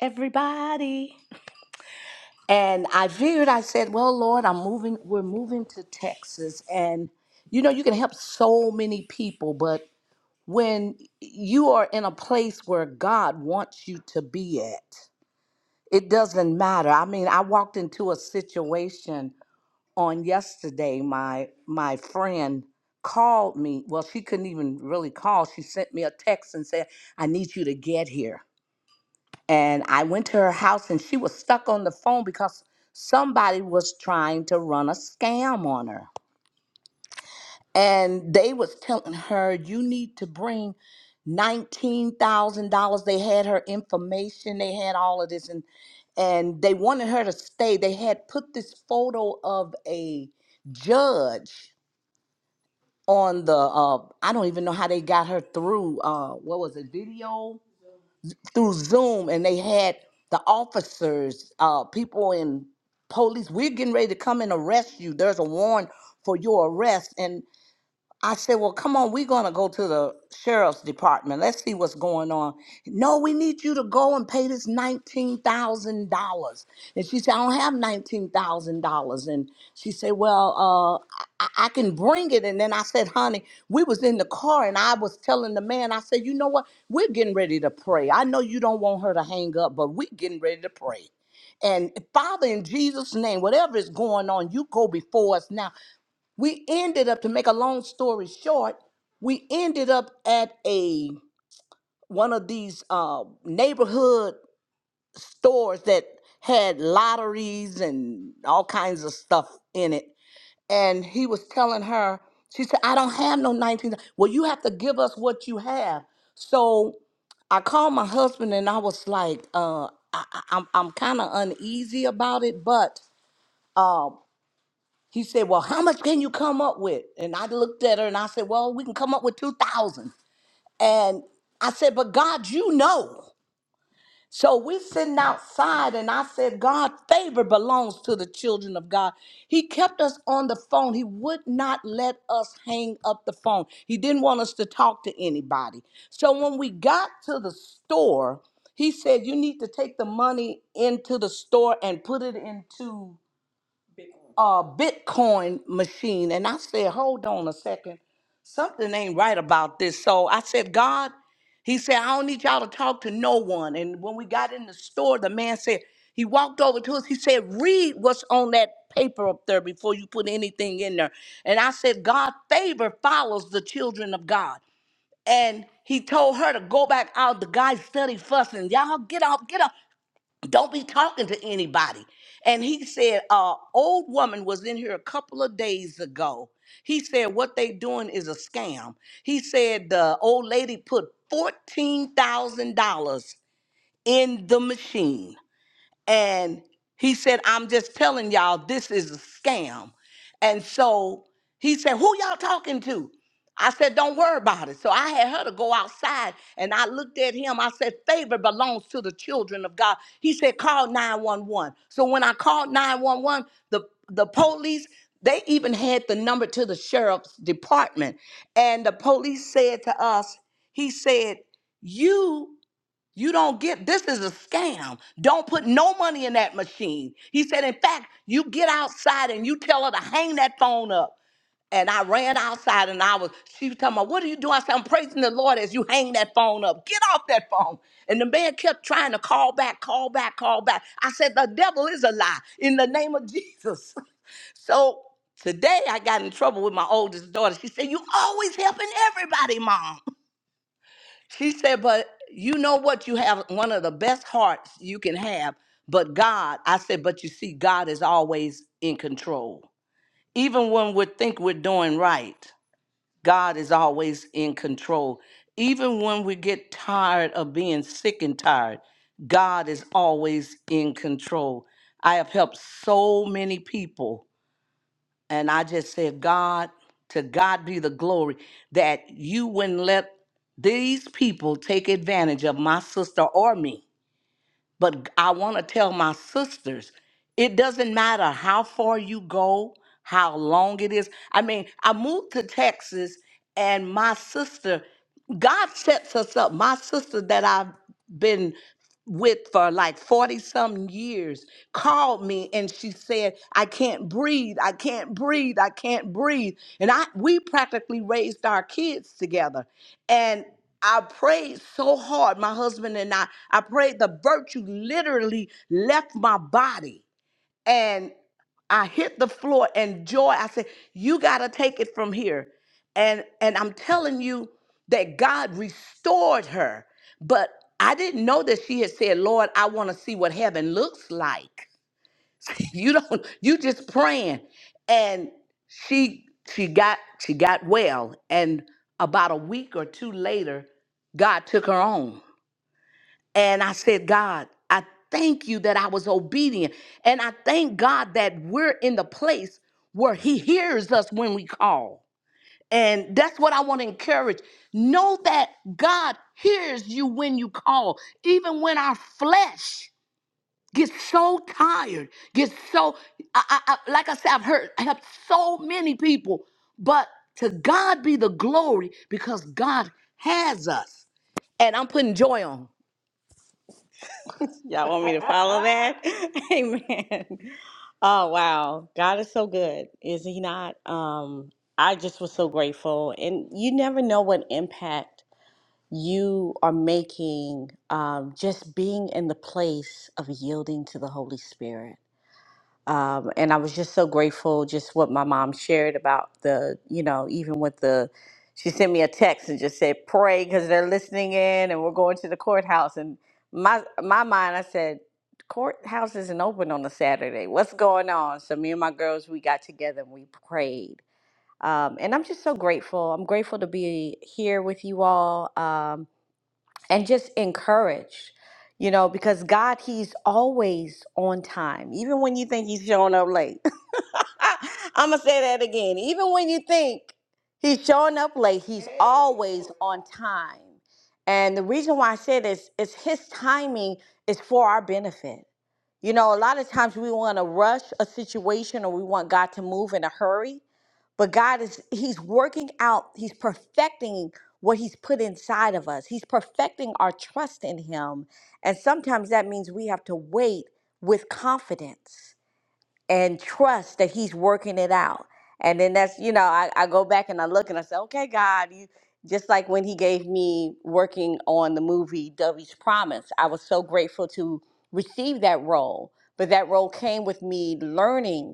everybody. And I figured, I said, well, Lord, I'm moving, we're moving to Texas. And, you know, you can help so many people, but when you are in a place where God wants you to be at, it doesn't matter. I mean, I walked into a situation on yesterday. My my friend called me. Well, she couldn't even really call. She sent me a text and said, I need you to get here. And I went to her house and she was stuck on the phone because somebody was trying to run a scam on her. And they was telling her, you need to bring $19,000. They had her information, they had all of this. And, and they wanted her to stay. They had put this photo of a judge on the, uh, I don't even know how they got her through, uh, what was it, video? through Zoom, and they had the officers, uh, people in police. We're getting ready to come and arrest you. There's a warrant for your arrest, I said, Well, come on, we're going to go to the sheriff's department. Let's see what's going on. No, we need you to go and pay this $19,000. And she said, I don't have $19,000. And she said, Well, uh, I-, I can bring it. And then I said, Honey, we was in the car and I was telling the man, I said, You know what? We're getting ready to pray. I know you don't want her to hang up, but we're getting ready to pray. And Father, in Jesus' name, whatever is going on, you go before us now we ended up to make a long story short we ended up at a one of these uh, neighborhood stores that had lotteries and all kinds of stuff in it and he was telling her she said i don't have no 19 well you have to give us what you have so i called my husband and i was like uh, I, I- i'm, I'm kind of uneasy about it but um, she said, Well, how much can you come up with? And I looked at her and I said, Well, we can come up with 2,000." And I said, But God, you know. So we're sitting outside and I said, God, favor belongs to the children of God. He kept us on the phone. He would not let us hang up the phone. He didn't want us to talk to anybody. So when we got to the store, he said, You need to take the money into the store and put it into uh Bitcoin machine. And I said, hold on a second. Something ain't right about this. So I said, God, he said, I don't need y'all to talk to no one. And when we got in the store, the man said, he walked over to us. He said, read what's on that paper up there before you put anything in there. And I said, God, favor follows the children of God. And he told her to go back out. The guy study fussing. Y'all get up, get up don't be talking to anybody. And he said, uh, old woman was in here a couple of days ago. He said, what they doing is a scam. He said the old lady put $14,000 in the machine and he said, I'm just telling y'all, this is a scam. And so he said, Who y'all talking to? I said, Don't worry about it. So I had her to go outside and I looked at him. I said, Favor belongs to the children of God. He said, Call 911. So when I called 911, the, the police, they even had the number to the sheriff's department. And the police said to us, He said, You you don't get this is a scam. Don't put no money in that machine. He said, in fact, you get outside and you tell her to hang that phone up. And I ran outside and I was, she was talking about, what are you doing? I said, I'm praising the Lord as you hang that phone up. Get off that phone. And the man kept trying to call back, call back, call back. I said, the devil is a lie in the name of Jesus. So today I got in trouble with my oldest daughter. She said, You always helping everybody, mom. She said, but you know what? You have one of the best hearts you can have. But God, I said, but you see, God is always in control. Even when we think we're doing right, God is always in control. Even when we get tired of being sick and tired, God is always in control. I have helped so many people and I just said, God, to God be the glory that you wouldn't let these people take advantage of my sister or me. But I want to tell my sisters, it doesn't matter how far you go, how long it is. I mean, I moved to Texas and my sister, God sets us up. My sister that I've been with for like 40 some years called me and she said, I can't breathe. I can't breathe. I can't breathe. And I we practically raised our kids together and I prayed so hard, my husband and I. I prayed the virtue literally left my body. And I hit the floor and joy. I said, You gotta take it from here. And and I'm telling you that God restored her. But I didn't know that she had said, Lord, I want to see what heaven looks like you don't you just praying and she she got she got well and about a week or two later god took her on and i said god i thank you that i was obedient and i thank god that we're in the place where he hears us when we call and that's what i want to encourage know that god hears you when you call even when our flesh Get so tired. Get so I, I, I- like I said, I've heard I helped so many people, but to God be the glory because God has us. And I'm putting joy on. Y'all want me to follow that? Amen. Oh wow. God is so good. Is he not? Um I just was so grateful. And you never know what impact you are making um just being in the place of yielding to the Holy Spirit. um, and I was just so grateful just what my mom shared about the you know even with the she sent me a text and just said pray because they're listening in and we're going to the courthouse and my my mind I said courthouse isn't open on a Saturday what's going on so me and my girls we got together and we prayed um, and I'm just so grateful I'm grateful to be here with you all um, and just encouraged, you know, because God, He's always on time, even when you think He's showing up late. I'm gonna say that again. Even when you think He's showing up late, He's always on time. And the reason why I say this is His timing is for our benefit. You know, a lot of times we want to rush a situation or we want God to move in a hurry. But God is, He's working out, He's perfecting what He's put inside of us. He's perfecting our trust in Him. And sometimes that means we have to wait with confidence and trust that He's working it out. And then that's, you know, I, I go back and I look and I say, okay, God, you just like when He gave me working on the movie Dovey's Promise, I was so grateful to receive that role. But that role came with me learning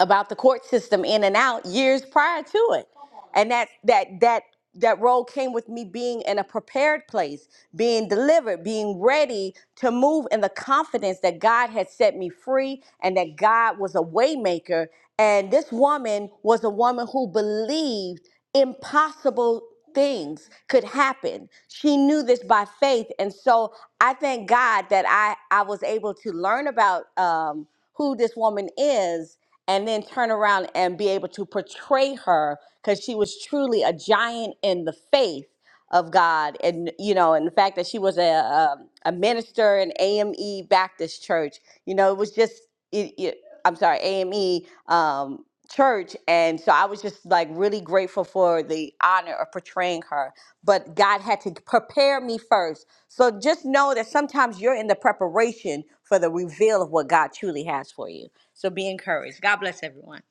about the court system in and out years prior to it and that that that that role came with me being in a prepared place being delivered being ready to move in the confidence that god had set me free and that god was a waymaker and this woman was a woman who believed impossible things could happen she knew this by faith and so i thank god that i i was able to learn about um who this woman is and then turn around and be able to portray her because she was truly a giant in the faith of God. And, you know, and the fact that she was a, a, a minister in AME Baptist Church, you know, it was just, it, it, I'm sorry, AME. Um, church and so i was just like really grateful for the honor of portraying her but god had to prepare me first so just know that sometimes you're in the preparation for the reveal of what god truly has for you so be encouraged god bless everyone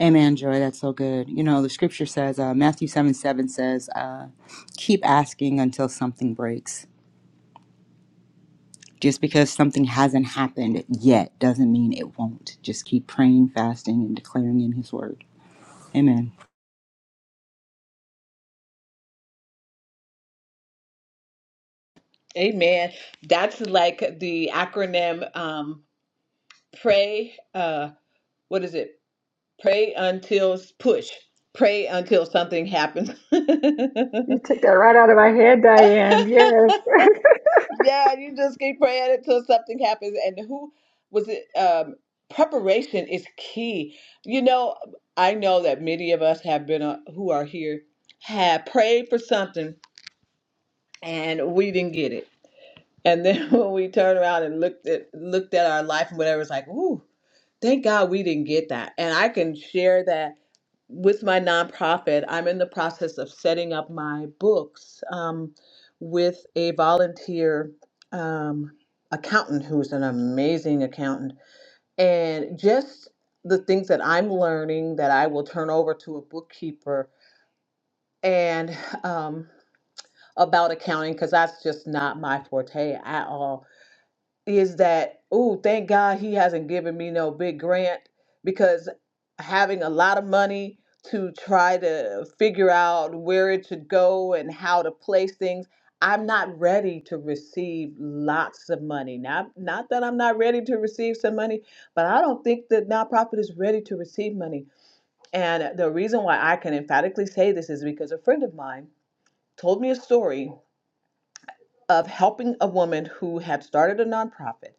Amen, Joy. That's so good. You know, the scripture says, uh, Matthew 7 7 says, uh, keep asking until something breaks. Just because something hasn't happened yet doesn't mean it won't. Just keep praying, fasting, and declaring in His word. Amen.
Amen. That's like the acronym um, pray uh what is it? Pray until push. Pray until something happens.
You took that right out of my head, Diane. Yes.
yeah, you just keep praying until something happens. And who was it? Um, preparation is key. You know, I know that many of us have been uh, who are here have prayed for something and we didn't get it. And then when we turned around and looked at looked at our life and whatever, it's like, ooh. Thank God we didn't get that. And I can share that with my nonprofit. I'm in the process of setting up my books um, with a volunteer um, accountant who's an amazing accountant. And just the things that I'm learning that I will turn over to a bookkeeper and um, about accounting, because that's just not my forte at all is that oh thank god he hasn't given me no big grant because having a lot of money to try to figure out where it should go and how to place things i'm not ready to receive lots of money not not that i'm not ready to receive some money but i don't think the nonprofit is ready to receive money and the reason why i can emphatically say this is because a friend of mine told me a story of helping a woman who had started a nonprofit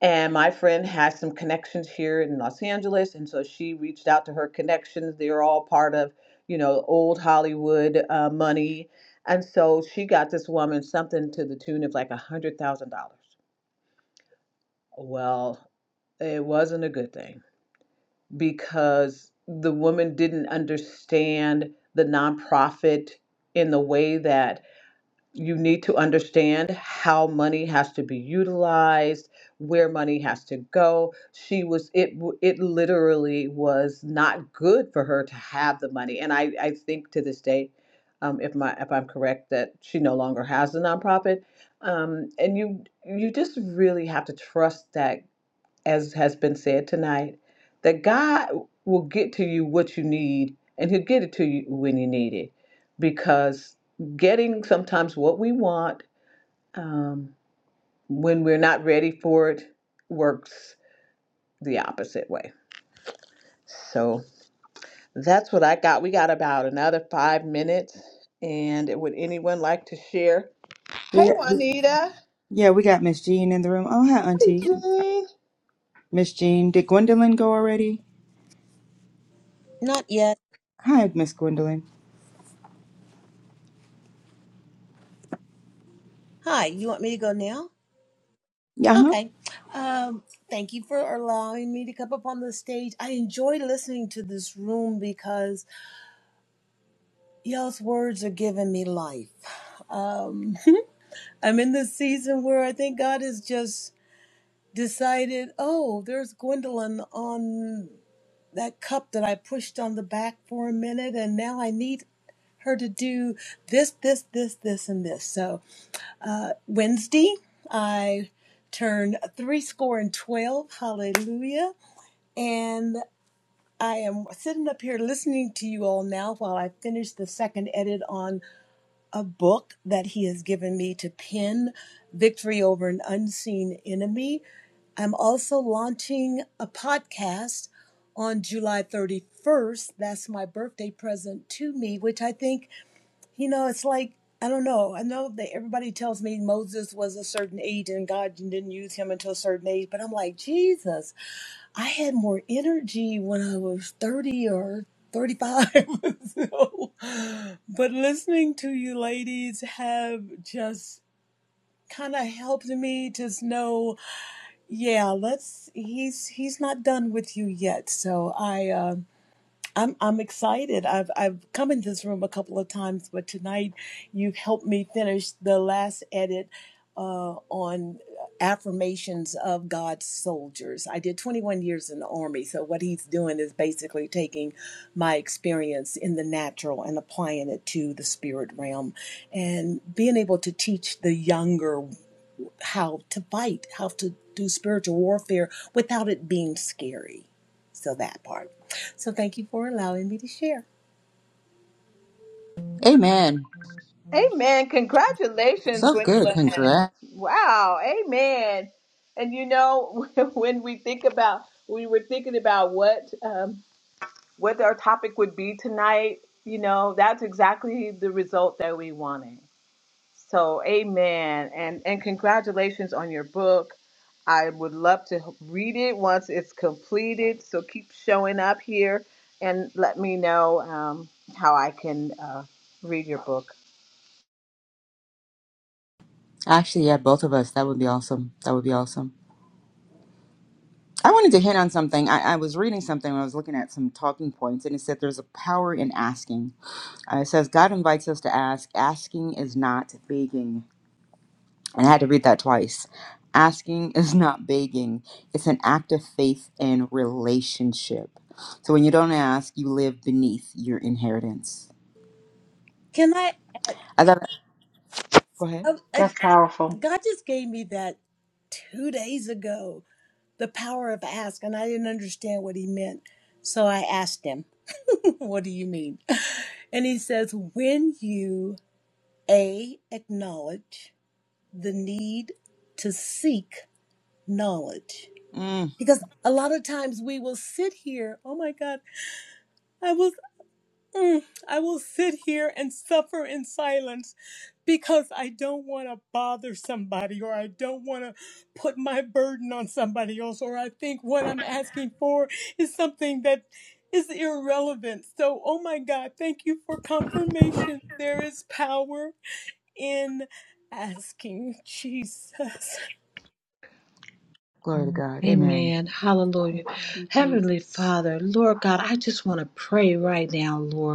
and my friend has some connections here in Los Angeles. And so she reached out to her connections. They're all part of, you know, old Hollywood uh, money. And so she got this woman something to the tune of like a $100,000. Well, it wasn't a good thing because the woman didn't understand the nonprofit in the way that you need to understand how money has to be utilized where money has to go she was it w- it literally was not good for her to have the money and i i think to this day um, if my if i'm correct that she no longer has a nonprofit um, and you you just really have to trust that as has been said tonight, that God will get to you what you need and He'll get it to you when you need it. Because getting sometimes what we want um, when we're not ready for it works the opposite way. So that's what I got. We got about another five minutes. And would anyone like to share?
We
Hey,
got- we-
Juanita.
Yeah, we got Miss Jean in the room. Oh, hi,
Hey,
Auntie.
Jean.
Miss Jean. Did Gwendolyn go already?
Not yet.
Hi, Miss Gwendolyn.
Hi, you want me to go now?
Yeah, huh?
Okay. Um, thank you for allowing me to come up on the stage. I enjoy listening to this room because y'all's words are giving me life. Um, I'm in this season where I think God has just decided, oh, there's Gwendolyn on that cup that I pushed on the back for a minute, and now I need her to do this, this, this, this, and this. So Wednesday, I turn three score and twelve. Hallelujah. And I am sitting up here listening to you all now while I finish the second edit on a book that he has given me to pen, Victory Over an Unseen Enemy. I'm also launching a podcast on July 31st. That's my birthday present to me, which I think you know, it's like I don't know. I know that everybody tells me Moses was a certain age and God didn't use him until a certain age, but I'm like, Jesus, I had more energy when I was 30 or 35. so, but listening to you ladies have just kind of helped me to know, yeah, let's he's he's not done with you yet. So I uh, I'm I'm excited. I've I've come into this room a couple of times, but tonight you've helped me finish the last edit uh, on affirmations of God's soldiers. I did 21 years in the army, so what he's doing is basically taking my experience in the natural and applying it to the spirit realm, and being able to teach the younger how to fight, how to do spiritual warfare without it being scary. So that part. So thank you for allowing me to share.
Amen.
Amen. Congratulations,
So good.
Gwendolyn.
Congrats.
Wow. Amen. And you know, when we think about, we were thinking about what um, what our topic would be tonight. You know, that's exactly the result that we wanted. So, amen. And and congratulations on your book. I would love to read it once it's completed. So keep showing up here and let me know um, how I can uh, read your book.
Actually, yeah, both of us. That would be awesome. That would be awesome. I wanted to hit on something. I, I was reading something when I was looking at some talking points, and it said there's a power in asking. Uh, it says God invites us to ask. Asking is not begging. And I had to read that twice. Asking is not begging, it's an act of faith and relationship. So when you don't ask, you live beneath your inheritance.
Can I add?
I thought, go ahead.
oh, I-
That's powerful.
God just gave me that two days ago, the power of ask, and I didn't understand what he meant. So I asked him, What do you mean? And he says, When you A, acknowledge the need to seek knowledge.
Mm,
Because a lot of times we will sit here, oh my God, I was Mm, I will sit here and suffer in silence because I don't want to bother somebody or I don't want to put my burden on somebody else or I think what I'm asking for is something that is irrelevant. So, oh my God, thank you for confirmation. There is power in asking Jesus.
glory to God. Amen.
Thank you,
Heavenly
Jesus.
Father, Lord God, I just want to pray right now, Lord.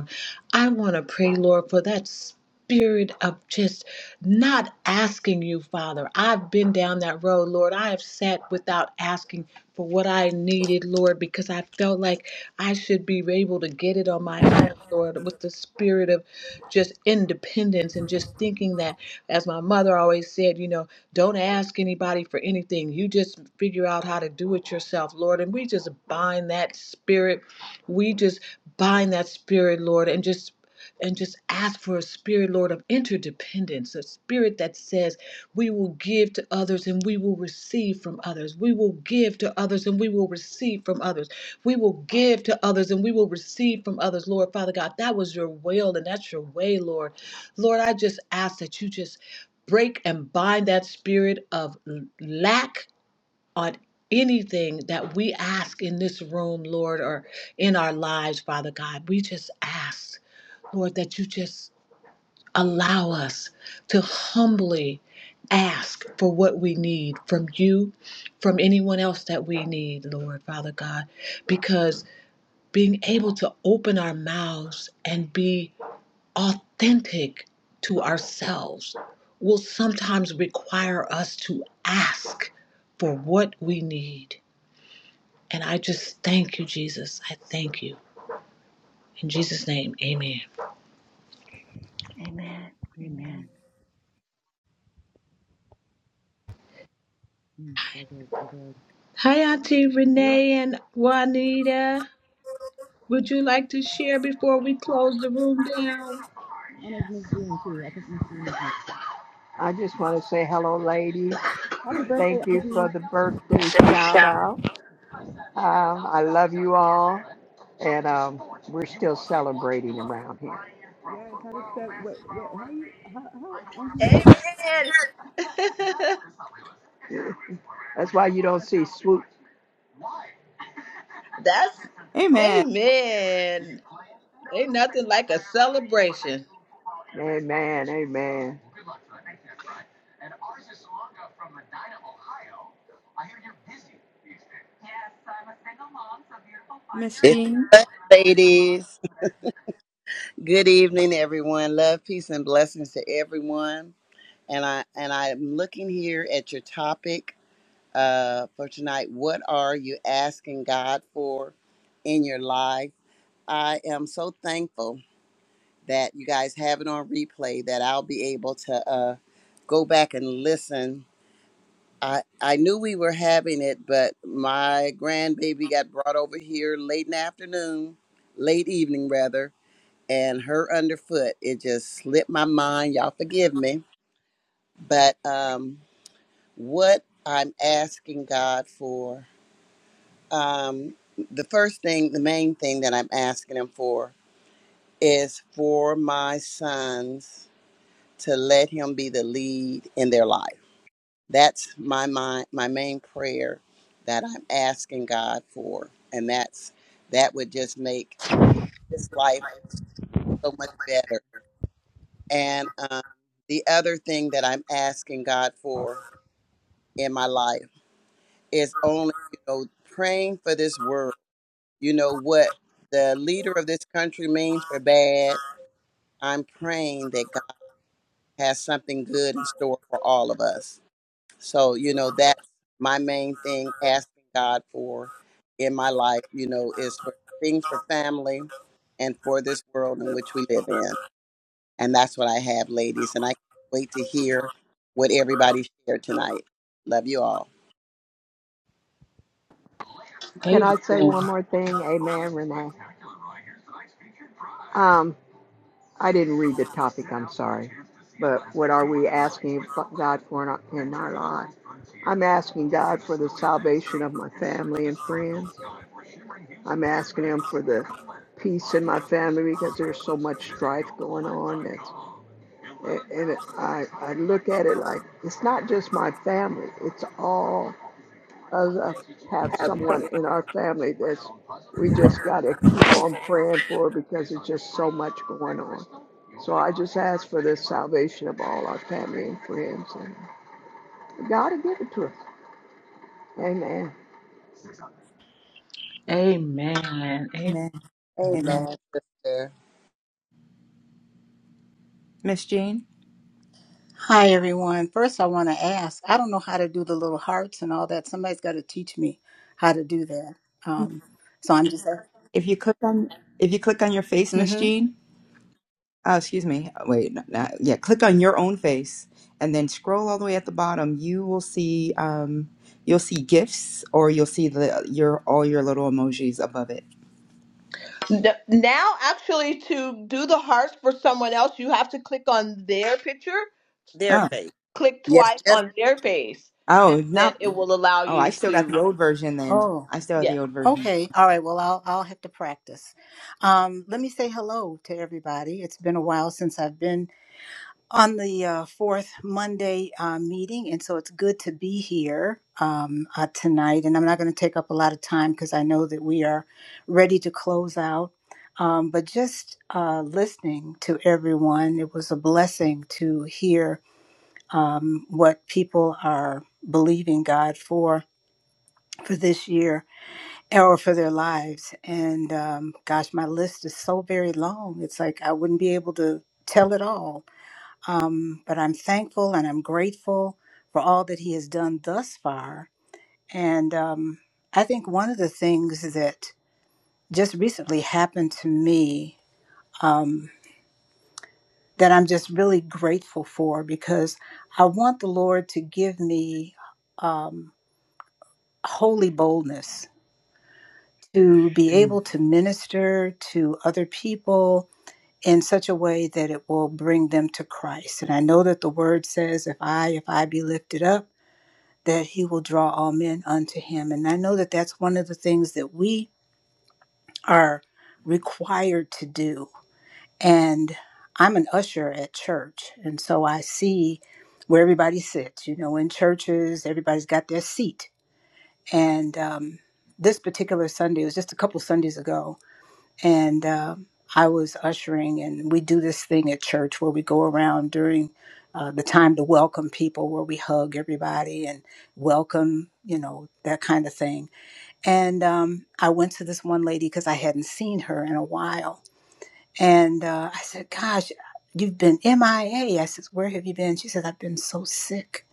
I want to pray, Lord, for that spirit of just not asking you, Father. I've been down that road, Lord. I have sat without asking for what I needed, Lord, because I felt like I should be able to get it on my own, Lord, with the spirit of just independence and just thinking that, as my mother always said, you know, don't ask anybody for anything. You just figure out how to do it yourself, Lord. And we just bind that spirit. We just bind that spirit, Lord, and just and just ask for a spirit, Lord, of interdependence, a spirit that says we will give to others and we will receive from others. We will give to others and we will receive from others. We will give to others and we will receive from others. Lord, Father God, that was your will and that's your way, Lord. Lord, I just ask that you just break and bind that spirit of lack on anything that we ask in this room, Lord, or in our lives, Father God. We just ask, Lord, that you just allow us to humbly ask for what we need from you, from anyone else that we need, Lord, Father God, because being able to open our mouths and be authentic to ourselves will sometimes require us to ask for what we need. And I just thank you, Jesus. I thank you. In Jesus' name, amen.
Amen. Amen.
Amen. Mm, so good, so good.
Hi, Auntie
Well, yeah,
Renee and Juanita. Would you like to share before we close the room down?
and as Miss Jean, too. I think Miss Jean is next.
I just want to say hello, ladies. Thank you for the birthday shout out. Um, I love you all, and um, we're still celebrating around here.
Yes, how to step? What? What? How you? How? How? Auntie,
Amen.
That's why you don't see swoop.
That's
Amen.
amen. Ain't nothing like a celebration.
Amen. Amen.
Miss
It's
Jean.
the button, ladies. Good evening, everyone. Love, peace, and blessings to everyone. And I and I'm looking here at your topic uh, for tonight. What are you asking God for in your life? I am so thankful that you guys have it on replay. That I'll be able to uh, go back and listen. I I knew we were having it, but my grandbaby got brought over here late in the afternoon, late evening rather and her underfoot. It just slipped my mind. Y'all forgive me. But um, what I'm asking God for, um, the first thing, the main thing that I'm asking Him for is for my sons to let Him be the lead in their life. That's my my, my main prayer that I'm asking God for, and that's that would just make this life so much better. And um, the other thing that I'm asking God for in my life is only, you know, praying for this world. You know what the leader of this country means for bad. I'm praying that God has something good in store for all of us. So, you know, that's my main thing asking God for in my life, you know, is for things for family and for this world in which we live in. And that's what I have, ladies. And I can't wait to hear what everybody shared tonight. Love you all.
Can I say one more thing? Amen, always Renee. Um, I didn't read the topic. I'm sorry. But what are we asking with God for in our in our lives? I'm asking God for the salvation of my family and friends. I'm asking him for the peace in my family because there's so much strife going on. That, and I, I look at it like it's not just my family, it's all of us have someone in our family that's we just got to keep on praying for because it's just so much going on. So I just ask for the salvation of all our family and friends, and God will give it to us. Amen.
Amen.
Amen. Amen.
Amen, sister.
Miss Jean.
Hi, everyone. First, I want to ask I don't know how to do the little hearts and all that. Somebody's got to teach me how to do that. Um, so I'm just.
If you click on if you click on your face, Miss
Mm-hmm.
Jean. Oh, excuse me. Wait, no, no, yeah, click on your own face and then scroll all the way at the bottom. You will see um you'll see gifts or you'll see the your all your little emojis above it.
N- Now, actually, to do the hearts for someone else, you have to click on their picture,
Their
Oh.
faith.
click
Yes,
twice
just
on their face, and
Oh,
then
not
it will allow
Oh, I
you
still got
to.
the old version then.
Oh,
I still have
yeah,
the old version.
okay. All right. Well, I'll, I'll have to practice. Um, let me say hello to everybody. It's been a while since I've been on the uh, fourth Monday uh, meeting, and so it's good to be here um, uh, tonight. And I'm not going to take up a lot of time because I know that we are ready to close out. Um, but just uh, listening to everyone, it was a blessing to hear um, what people are believing God for for this year or for their lives. And um, gosh, my list is so very long. It's like I wouldn't be able to tell it all um, but I'm thankful and I'm grateful for all that he has done thus far. And um, I think one of the things that just recently happened to me um, that I'm just really grateful for because I want the Lord to give me um, holy boldness to be able to minister to other people in such a way that it will bring them to Christ. And I know that the word says, if I, if I be lifted up, that he will draw all men unto him. And I know that that's one of the things that we are required to do. And I'm an usher at church. And so I see where everybody sits. You know, in churches, everybody's got their seat. And um, this particular Sunday, it was just a couple Sundays ago, and uh, I was ushering, and we do this thing at church where we go around during uh, the time to welcome people, where we hug everybody and welcome, you know, that kind of thing. And um, I went to this one lady because I hadn't seen her in a while, and uh, I said, "Gosh, you've been MIA." I A. I said, "Where have you been?" She said, "I've been so sick."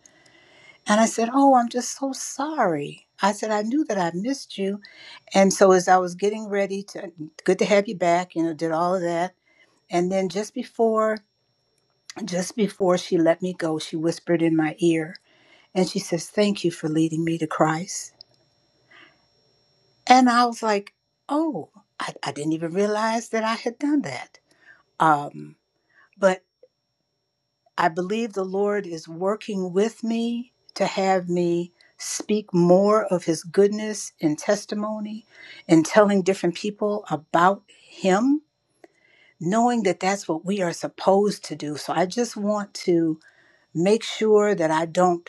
And I said, "Oh, I'm just so sorry." I said, "I knew that I missed you." And so as I was getting ready to, good to have you back, you know, did all of that and then just before just before she let me go, she whispered in my ear and she says, Thank you for leading me to Christ. And I was like, Oh, I, I didn't even realize that I had done that. Um, but I believe the Lord is working with me to have me speak more of his goodness and testimony and telling different people about him, knowing that that's what we are supposed to do. So I just want to make sure that I don't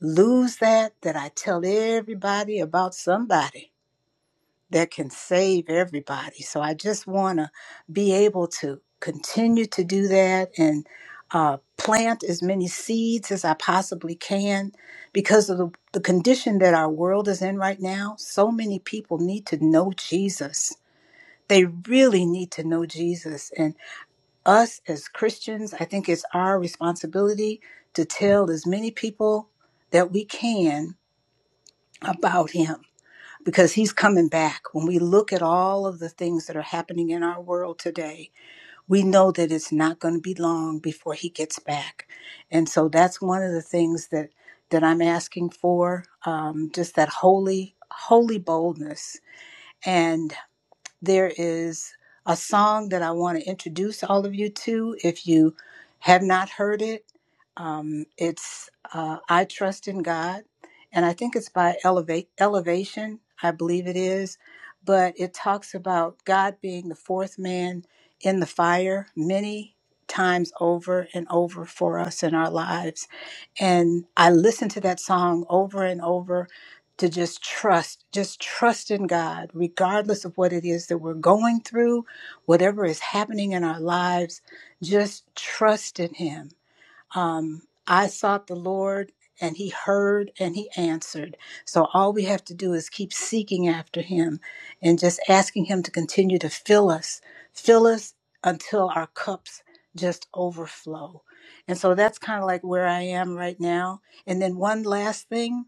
lose that, that I tell everybody about somebody that can save everybody. So I just want to be able to continue to do that and uh, plant as many seeds as I possibly can because of the, the condition that our world is in right now. So many people need to know Jesus. They really need to know Jesus. and us as Christians, I think it's our responsibility to tell as many people that we can about him because he's coming back. When we look at all of the things that are happening in our world today, we know that it's not going to be long before he gets back. And so that's one of the things that that I'm asking for, um, just that holy, holy boldness. and there is a song that I want to introduce all of you to. If you have not heard it, um, it's uh, I Trust in God, and I think it's by Elevate, Elevation, I believe it is. But it talks about God being the fourth man in the fire many times over and over for us in our lives. And I listened to that song over and over to just trust, just trust in God, regardless of what it is that we're going through, whatever is happening in our lives, just trust in Him. Um, I sought the Lord and He heard and He answered. So all we have to do is keep seeking after Him and just asking Him to continue to fill us, fill us until our cups just overflow. And so that's kind of like where I am right now. And then one last thing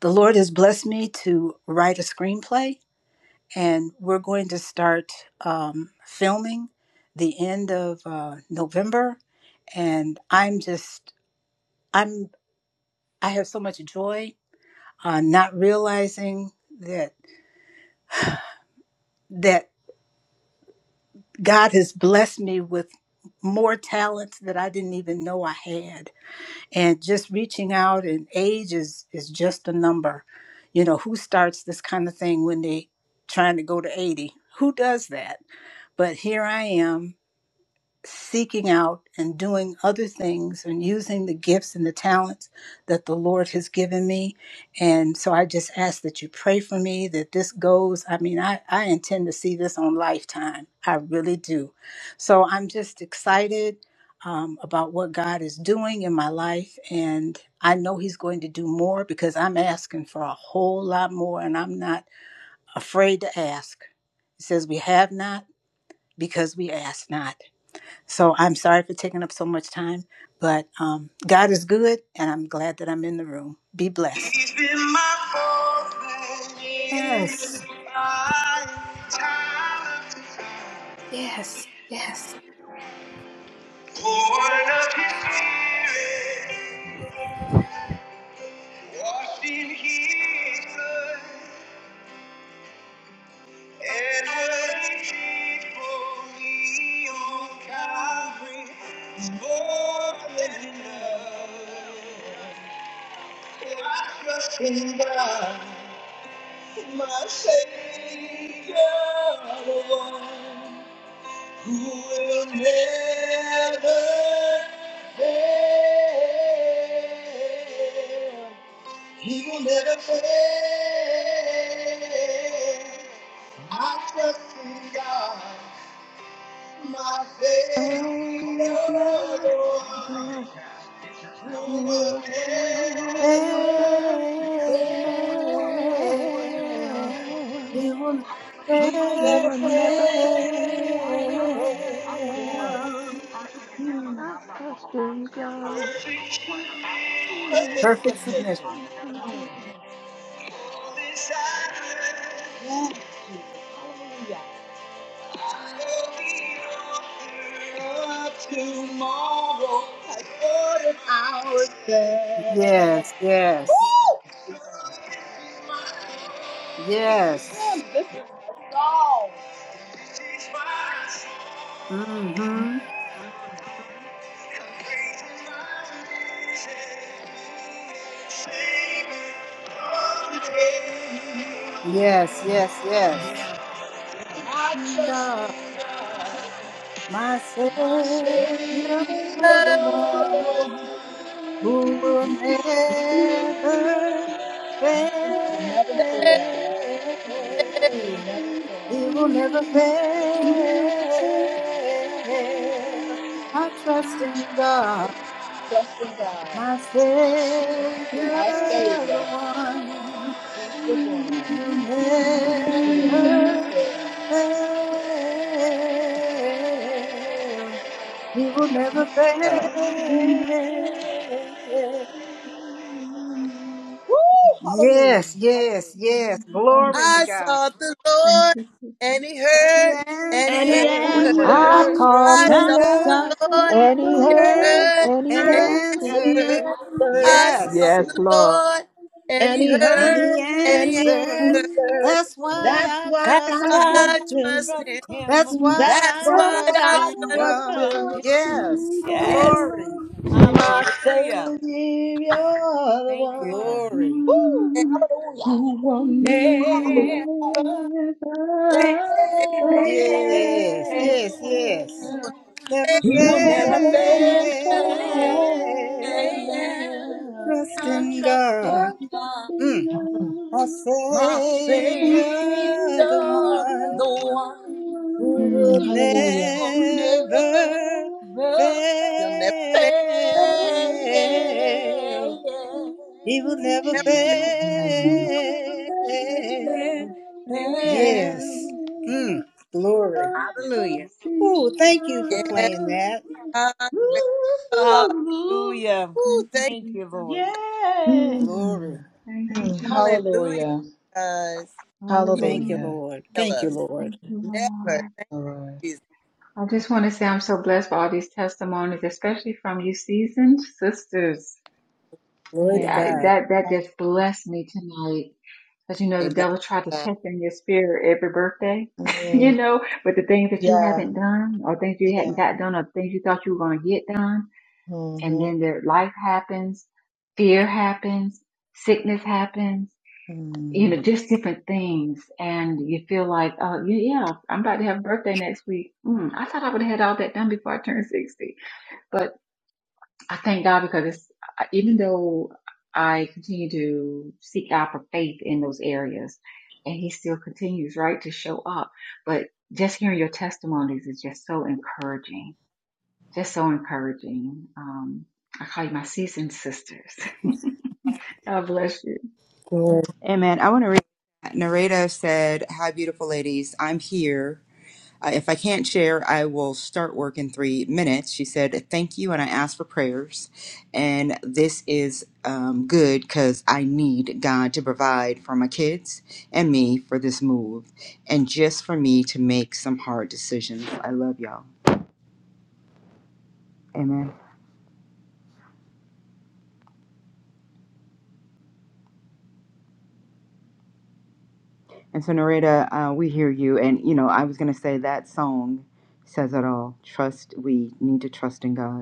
the Lord has blessed me to write a screenplay, and we're going to start um, filming the end of uh, November. And I'm just, I'm, I have so much joy, uh, not realizing that that God has blessed me with more talents that I didn't even know I had and just reaching out and age is is just a number you know who starts this kind of thing when they trying to go to 80 who does that but here i am seeking out and doing other things and using the gifts and the talents that the Lord has given me. And so I just ask that you pray for me that this goes. I mean, I, I intend to see this on lifetime. I really do. So I'm just excited um, about what God is doing in my life. And I know He's going to do more because I'm asking for a whole lot more and I'm not afraid to ask. It says, We have not because we ask not. So I'm sorry for taking up so much time, but um, God is good, and I'm glad that I'm in the room. Be
He's
blessed.
been my fourth man in the
Yes,
fire, time
yes, yes.
Born of his spirit, washed in his blood, and what he did for me on Calvary is more than enough. I trust in God, my Savior. alone. Who will never fail? He will never fail. I trust in God, my
Oh,
Savior, Lord,
yeah.
who
you
will never
Fail. You
fail.
will
He will
never
never
will
fail.
never
fail.
fail. I
Hmm.
trust in God.
Perfect
Perfect submission.
submission. Hallelujah. Of Tomorrow, I ordered our steps.
Yes, yes,
Woo!
yes.
Oh, This is my
Mm-hmm.
song.
Yes, yes, yes.
I trust in God,
My Savior,
my
the
Savior,
one
the one.
who will never
Never fail. He
fail.
never
He
fails.
will never fail. I trust in God,
Trust in God,
my Savior,
our
the
Savior.
one
He's the one.
who will
who will never
never
fail.
fail. He will never
so.
fail.
Woo!
Yes,
Hallelujah.
yes,
Hallelujah.
yes.
Thank you,
Glory
Jesus.
to
I
God.
sought the
Thank
Lord,
you, Jesus.
and He
And he
heard, and
And
He
he
answered,
And
answered.
I
I
want?
I
answered.
call
said,
I
trust
the
in
sought
That's
I
the
Lord,
God.
a
Lord,
sought
and He
the
He
heard,
Lord,
heard
heard,
and
and
He
and
he
and
he
answered.
And
heard
he
heard.
answered,
and he
answered.
I sought
Yes.
answered,
the
Yes, Lord.
Lord,
and
and
And
He
he
And
heard,
he
he
heard
and
and
He
heard
he
answered.
and
answered,
he
answered.
That's why
answered.
That's
I
why
That's
trust
I
That's the
why
him.
I
I
trust
Lord
him.
trust
trust
my
him.
him.
That's
question.
why
That's
That's
That's
I
why.
why
why
That's
trust
I
I
trust
in
I
how
trust
I
trust
God.
him.
trust
him.
in
Yes.
him.
Yes.
Glory.
God.
My
Hallelujah.
Savior, the
Thank you,
one.
God.
Glory.
Woo!
God
who will never,
Hallelujah!
Will never
Yes,
Hallelujah!
yes, yes.
fail.
Yeah,
never
He
fail.
will
He will
never
I trust
never fail.
fail.
Trust
I'm
in God,
trusting God,
mm. our
my Savior,
Savior, the
the
one
one
who
Hmm,
will
who
hallelujah.
will
never
never
you'll never say
fail. He will never
never.
Hmm,
fail. Yes. Mm. Glory.
Hallelujah.
in
Oh, thank you for
Yeah,
playing
God.
that.
I praise God.
Hallelujah.
Ooh,
Thank you,
thank you.
Thank you, Lord.
Jesus.
hmm,
Glory.
Thank you, Jesus.
Hallelujah,
hallelujah.
guys. He
Thank you,
Hallelujah.
Hallelujah.
Lord.
heal
Thank you,
us.
Lord.
Thank you,
Never.
Thank
Lord.
Thank
you, Lord.
you.
I just want to say I'm so blessed by all these testimonies, especially from you seasoned sisters.
Glory to
Yeah,
Yes.
God.
that, that just blessed me tonight. Because, you know, the
Amen.
devil tried to
Amen.
check in your spirit every birthday, you
Mm,
know, with the things that you
yeah.
haven't done or things you hadn't
Yeah.
got done or things you thought you were going to get done. And
Mm-hmm.
then their life happens, fear happens, sickness happens.
Mm.
you know, just different things. And you feel like, oh, yeah, yeah, I'm about to have a birthday next week. Mm, I thought I would have had all that done before I turned 60. But I thank God because it's, even though I continue to seek out for faith in those areas and he still continues, right, to show up. But just hearing your testimonies is just so encouraging, just so encouraging. Um, I call you my seasoned sisters. God bless you.
Amen.
Amen. I want to read. Nareda said, Hi, beautiful ladies. I'm here. Uh, if I can't share, I will start work in three minutes. She said, Thank you. And I asked for prayers. And this is um, good because I need God to provide for my kids and me for this move and just for me to make some hard decisions. I love y'all. Amen. And so, Nareda, uh, we hear you. And, you know, I was going to say that song says it all. Trust, we need to trust in God.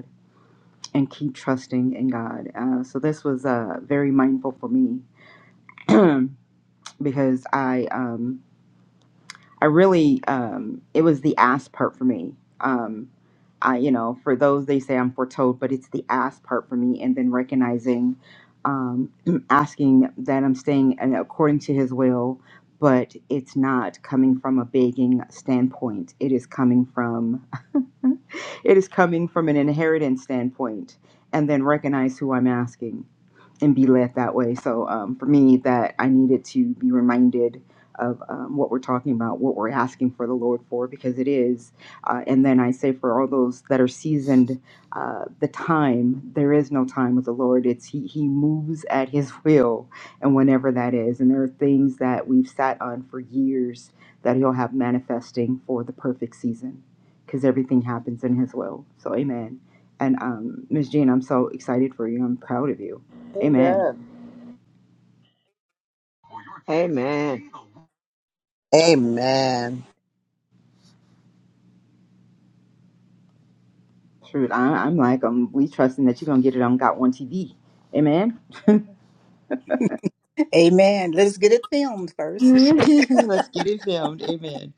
and keep trusting in God. Uh, so this was uh, very mindful for me because I um, I really um, it was the ass part for me. Um, I you know for those they say I'm foretold, but it's the ass part for me, and then recognizing, um, asking that I'm staying and according to His will, but it's not coming from a begging standpoint. It is coming from it is coming from an inheritance standpoint, and then recognize who I'm asking. and be led that way. So um, for me, that I needed to be reminded of um, what we're talking about, what we're asking for the Lord for, because it is. Uh, and then I say for all those that are seasoned, uh, the time there is no time with the Lord. It's he he moves at His will, and whenever that is. And there are things that we've sat on for years that He'll have manifesting for the perfect season, because everything happens in His will. So Amen. And um, Ms. Jean, I'm so excited for you. I'm proud of you Amen.
Amen.
Amen.
Amen.
truth. I, am I'm like, um, we trusting that you're gonna get it on Got One TV. Amen.
Let's get it filmed first.
Let's get it filmed. Amen.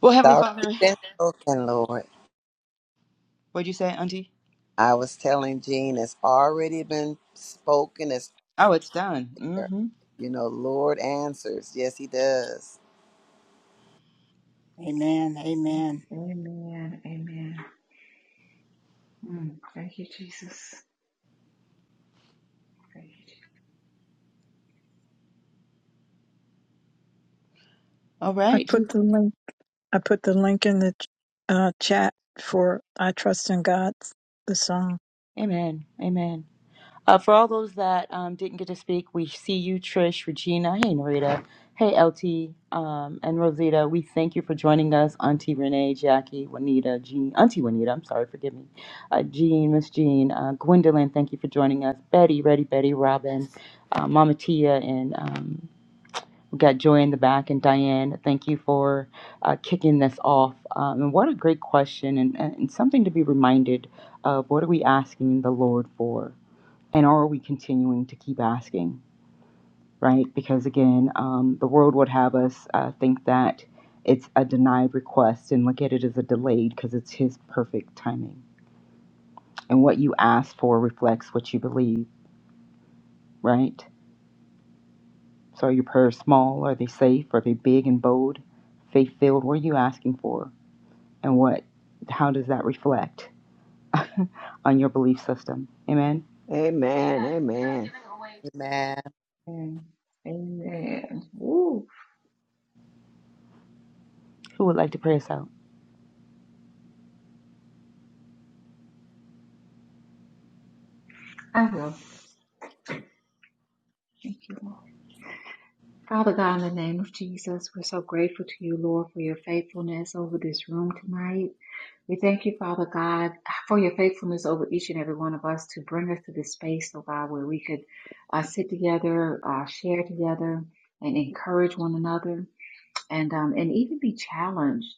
Well,
It's
Heavenly Father,
already been spoken, Lord.
what'd you say, Auntie?
I was telling Gene, it's already been spoken. As
Oh, it's done.
there.
Mm-hmm.
You know, Lord answers. Yes, he does.
Amen. Amen.
Amen. Amen. Mm, Thank you, Jesus. Thank you.
All
I
right.
put the link. I put the link in the uh, chat for "I Trust in God" the song.
Amen. Amen. Uh, for all those that um, didn't get to speak, we see you, Trish, Regina. Hey, Narita. Hey, LT um, and Rosita. We thank you for joining us, Auntie Renee, Jackie, Juanita, Jean, Auntie Juanita. I'm sorry, forgive me. Uh, Jean, Miss Jean, uh, Gwendolyn. Thank you for joining us. Betty, Ready Betty, Robin, uh, Mama Tia, and um, we got Joy in the back and Diane. Thank you for uh, kicking this off. Um, and what a great question and, and something to be reminded of. What are we asking the Lord for? and are we continuing to keep asking right because again um, the world would have us uh, think that it's a denied request and look at it as a delayed because it's his perfect timing and what you ask for reflects what you believe right so are your prayers small are they safe are they big and bold faith filled what are you asking for and what how does that reflect on your belief system amen
Amen.
Amen.
Amen. Amen. Ooh,
who would like to pray us out
I will. Thank you, Lord. Father God, in the name of Jesus, we're so grateful to you, Lord, for your faithfulness over this room tonight. We thank you, Father God, for your faithfulness over each and every one of us to bring us to this space, oh God, where we could uh, sit together, uh, share together, and encourage one another. and um, and even be challenged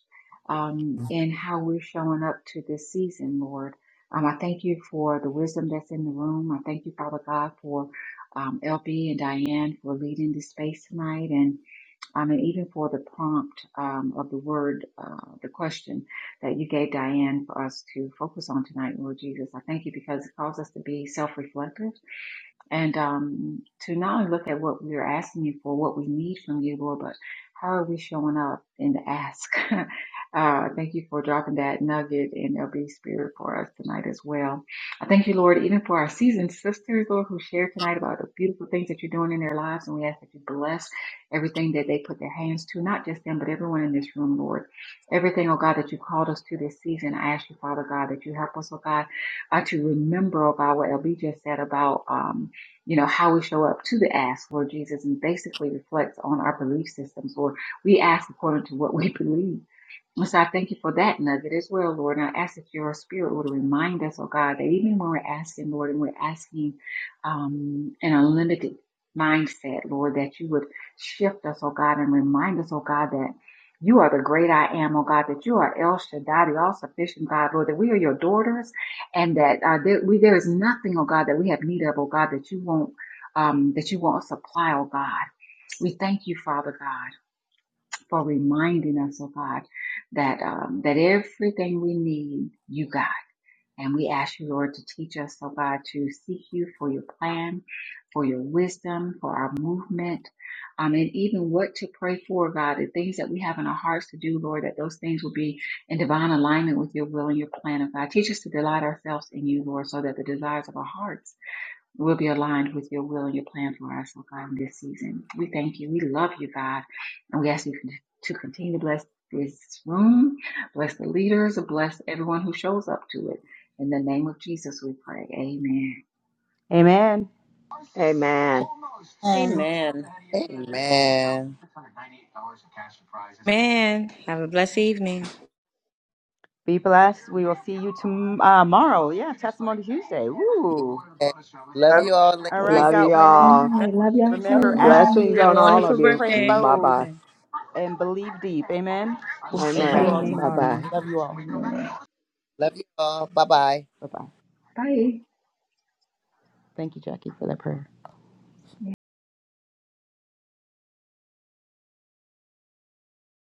um, in how we're showing up to this season, Lord. Um, I thank you for the wisdom that's in the room. I thank you, Father God, for um, LB and Diane for leading this space tonight, and um, and even for the prompt um, of the word, uh, the question that you gave Diane for us to focus on tonight, Lord Jesus. I thank you because it calls us to be self-reflective and um, to not only look at what we're asking you for, what we need from you, Lord, but how are we showing up in the ask? uh, thank you for dropping that nugget in LB Spirit for us tonight as well. I thank you, Lord, even for our seasoned sisters, Lord, who shared tonight about the beautiful things that you're doing in their lives. And we ask that you bless everything that they put their hands to, not just them, but everyone in this room, Lord. Everything, oh God, that you called us to this season, I ask you, Father God, that you help us, oh God, uh, to remember, oh God, what LB just said about. Um, you know, how we show up to the ask, Lord Jesus, and basically reflects on our belief systems, or We ask according to what we believe. And So I thank you for that nugget as well, Lord. And I ask that your spirit would remind us, oh God, that even when we're asking, Lord, and we're asking um, an unlimited mindset, Lord, that you would shift us, oh God, and remind us, oh God, that you are the great I am, oh God, that you are El Shaddai, the all sufficient God, Lord, that we are your daughters and that uh, there, we, there is nothing, oh God, that we have need of, oh God, that you won't, um, that you won't supply, oh God. We thank you, Father God for reminding us, oh God, that um, that everything we need, you got. And we ask you, Lord, to teach us, oh God, to seek you for your plan, for your wisdom, for our movement, um, and even what to pray for, God, the things that we have in our hearts to do, Lord, that those things will be in divine alignment with your will and your plan, oh God. Teach us to delight ourselves in you, Lord, so that the desires of our hearts We'll be aligned with your will and your plan for us, oh God, in this season. We thank you. We love you, God. And we ask you to continue to bless this room, bless the leaders, bless everyone who shows up to it. In the name of Jesus, we pray. Amen.
amen
Amen.
And
Amen.
Amen.
Be blessed. We will see you tom- uh, tomorrow. Yeah, Testimony Tuesday. Woo.
Yes. Love
Love
you all,
All right,
ladies.
Love
in
you
God
Good
women.
all.
night. Love y'all too.
the
Remember,
Good
room.
ask
night.
Blessings
big,
on all
pray,
of you.
pray
Bye
bold,
bye.
and believe
Okay.
deep. Amen.
I
We'll
love it.
see
Amen.
you all
Amen.
We'll play Bye
tomorrow.
bye.
Amen.
after
Love you
this when
all.
we come back.
Amen.
Love you all. Bye bye.
Bye bye.
Bye.
Thank you, Jackie, for that prayer.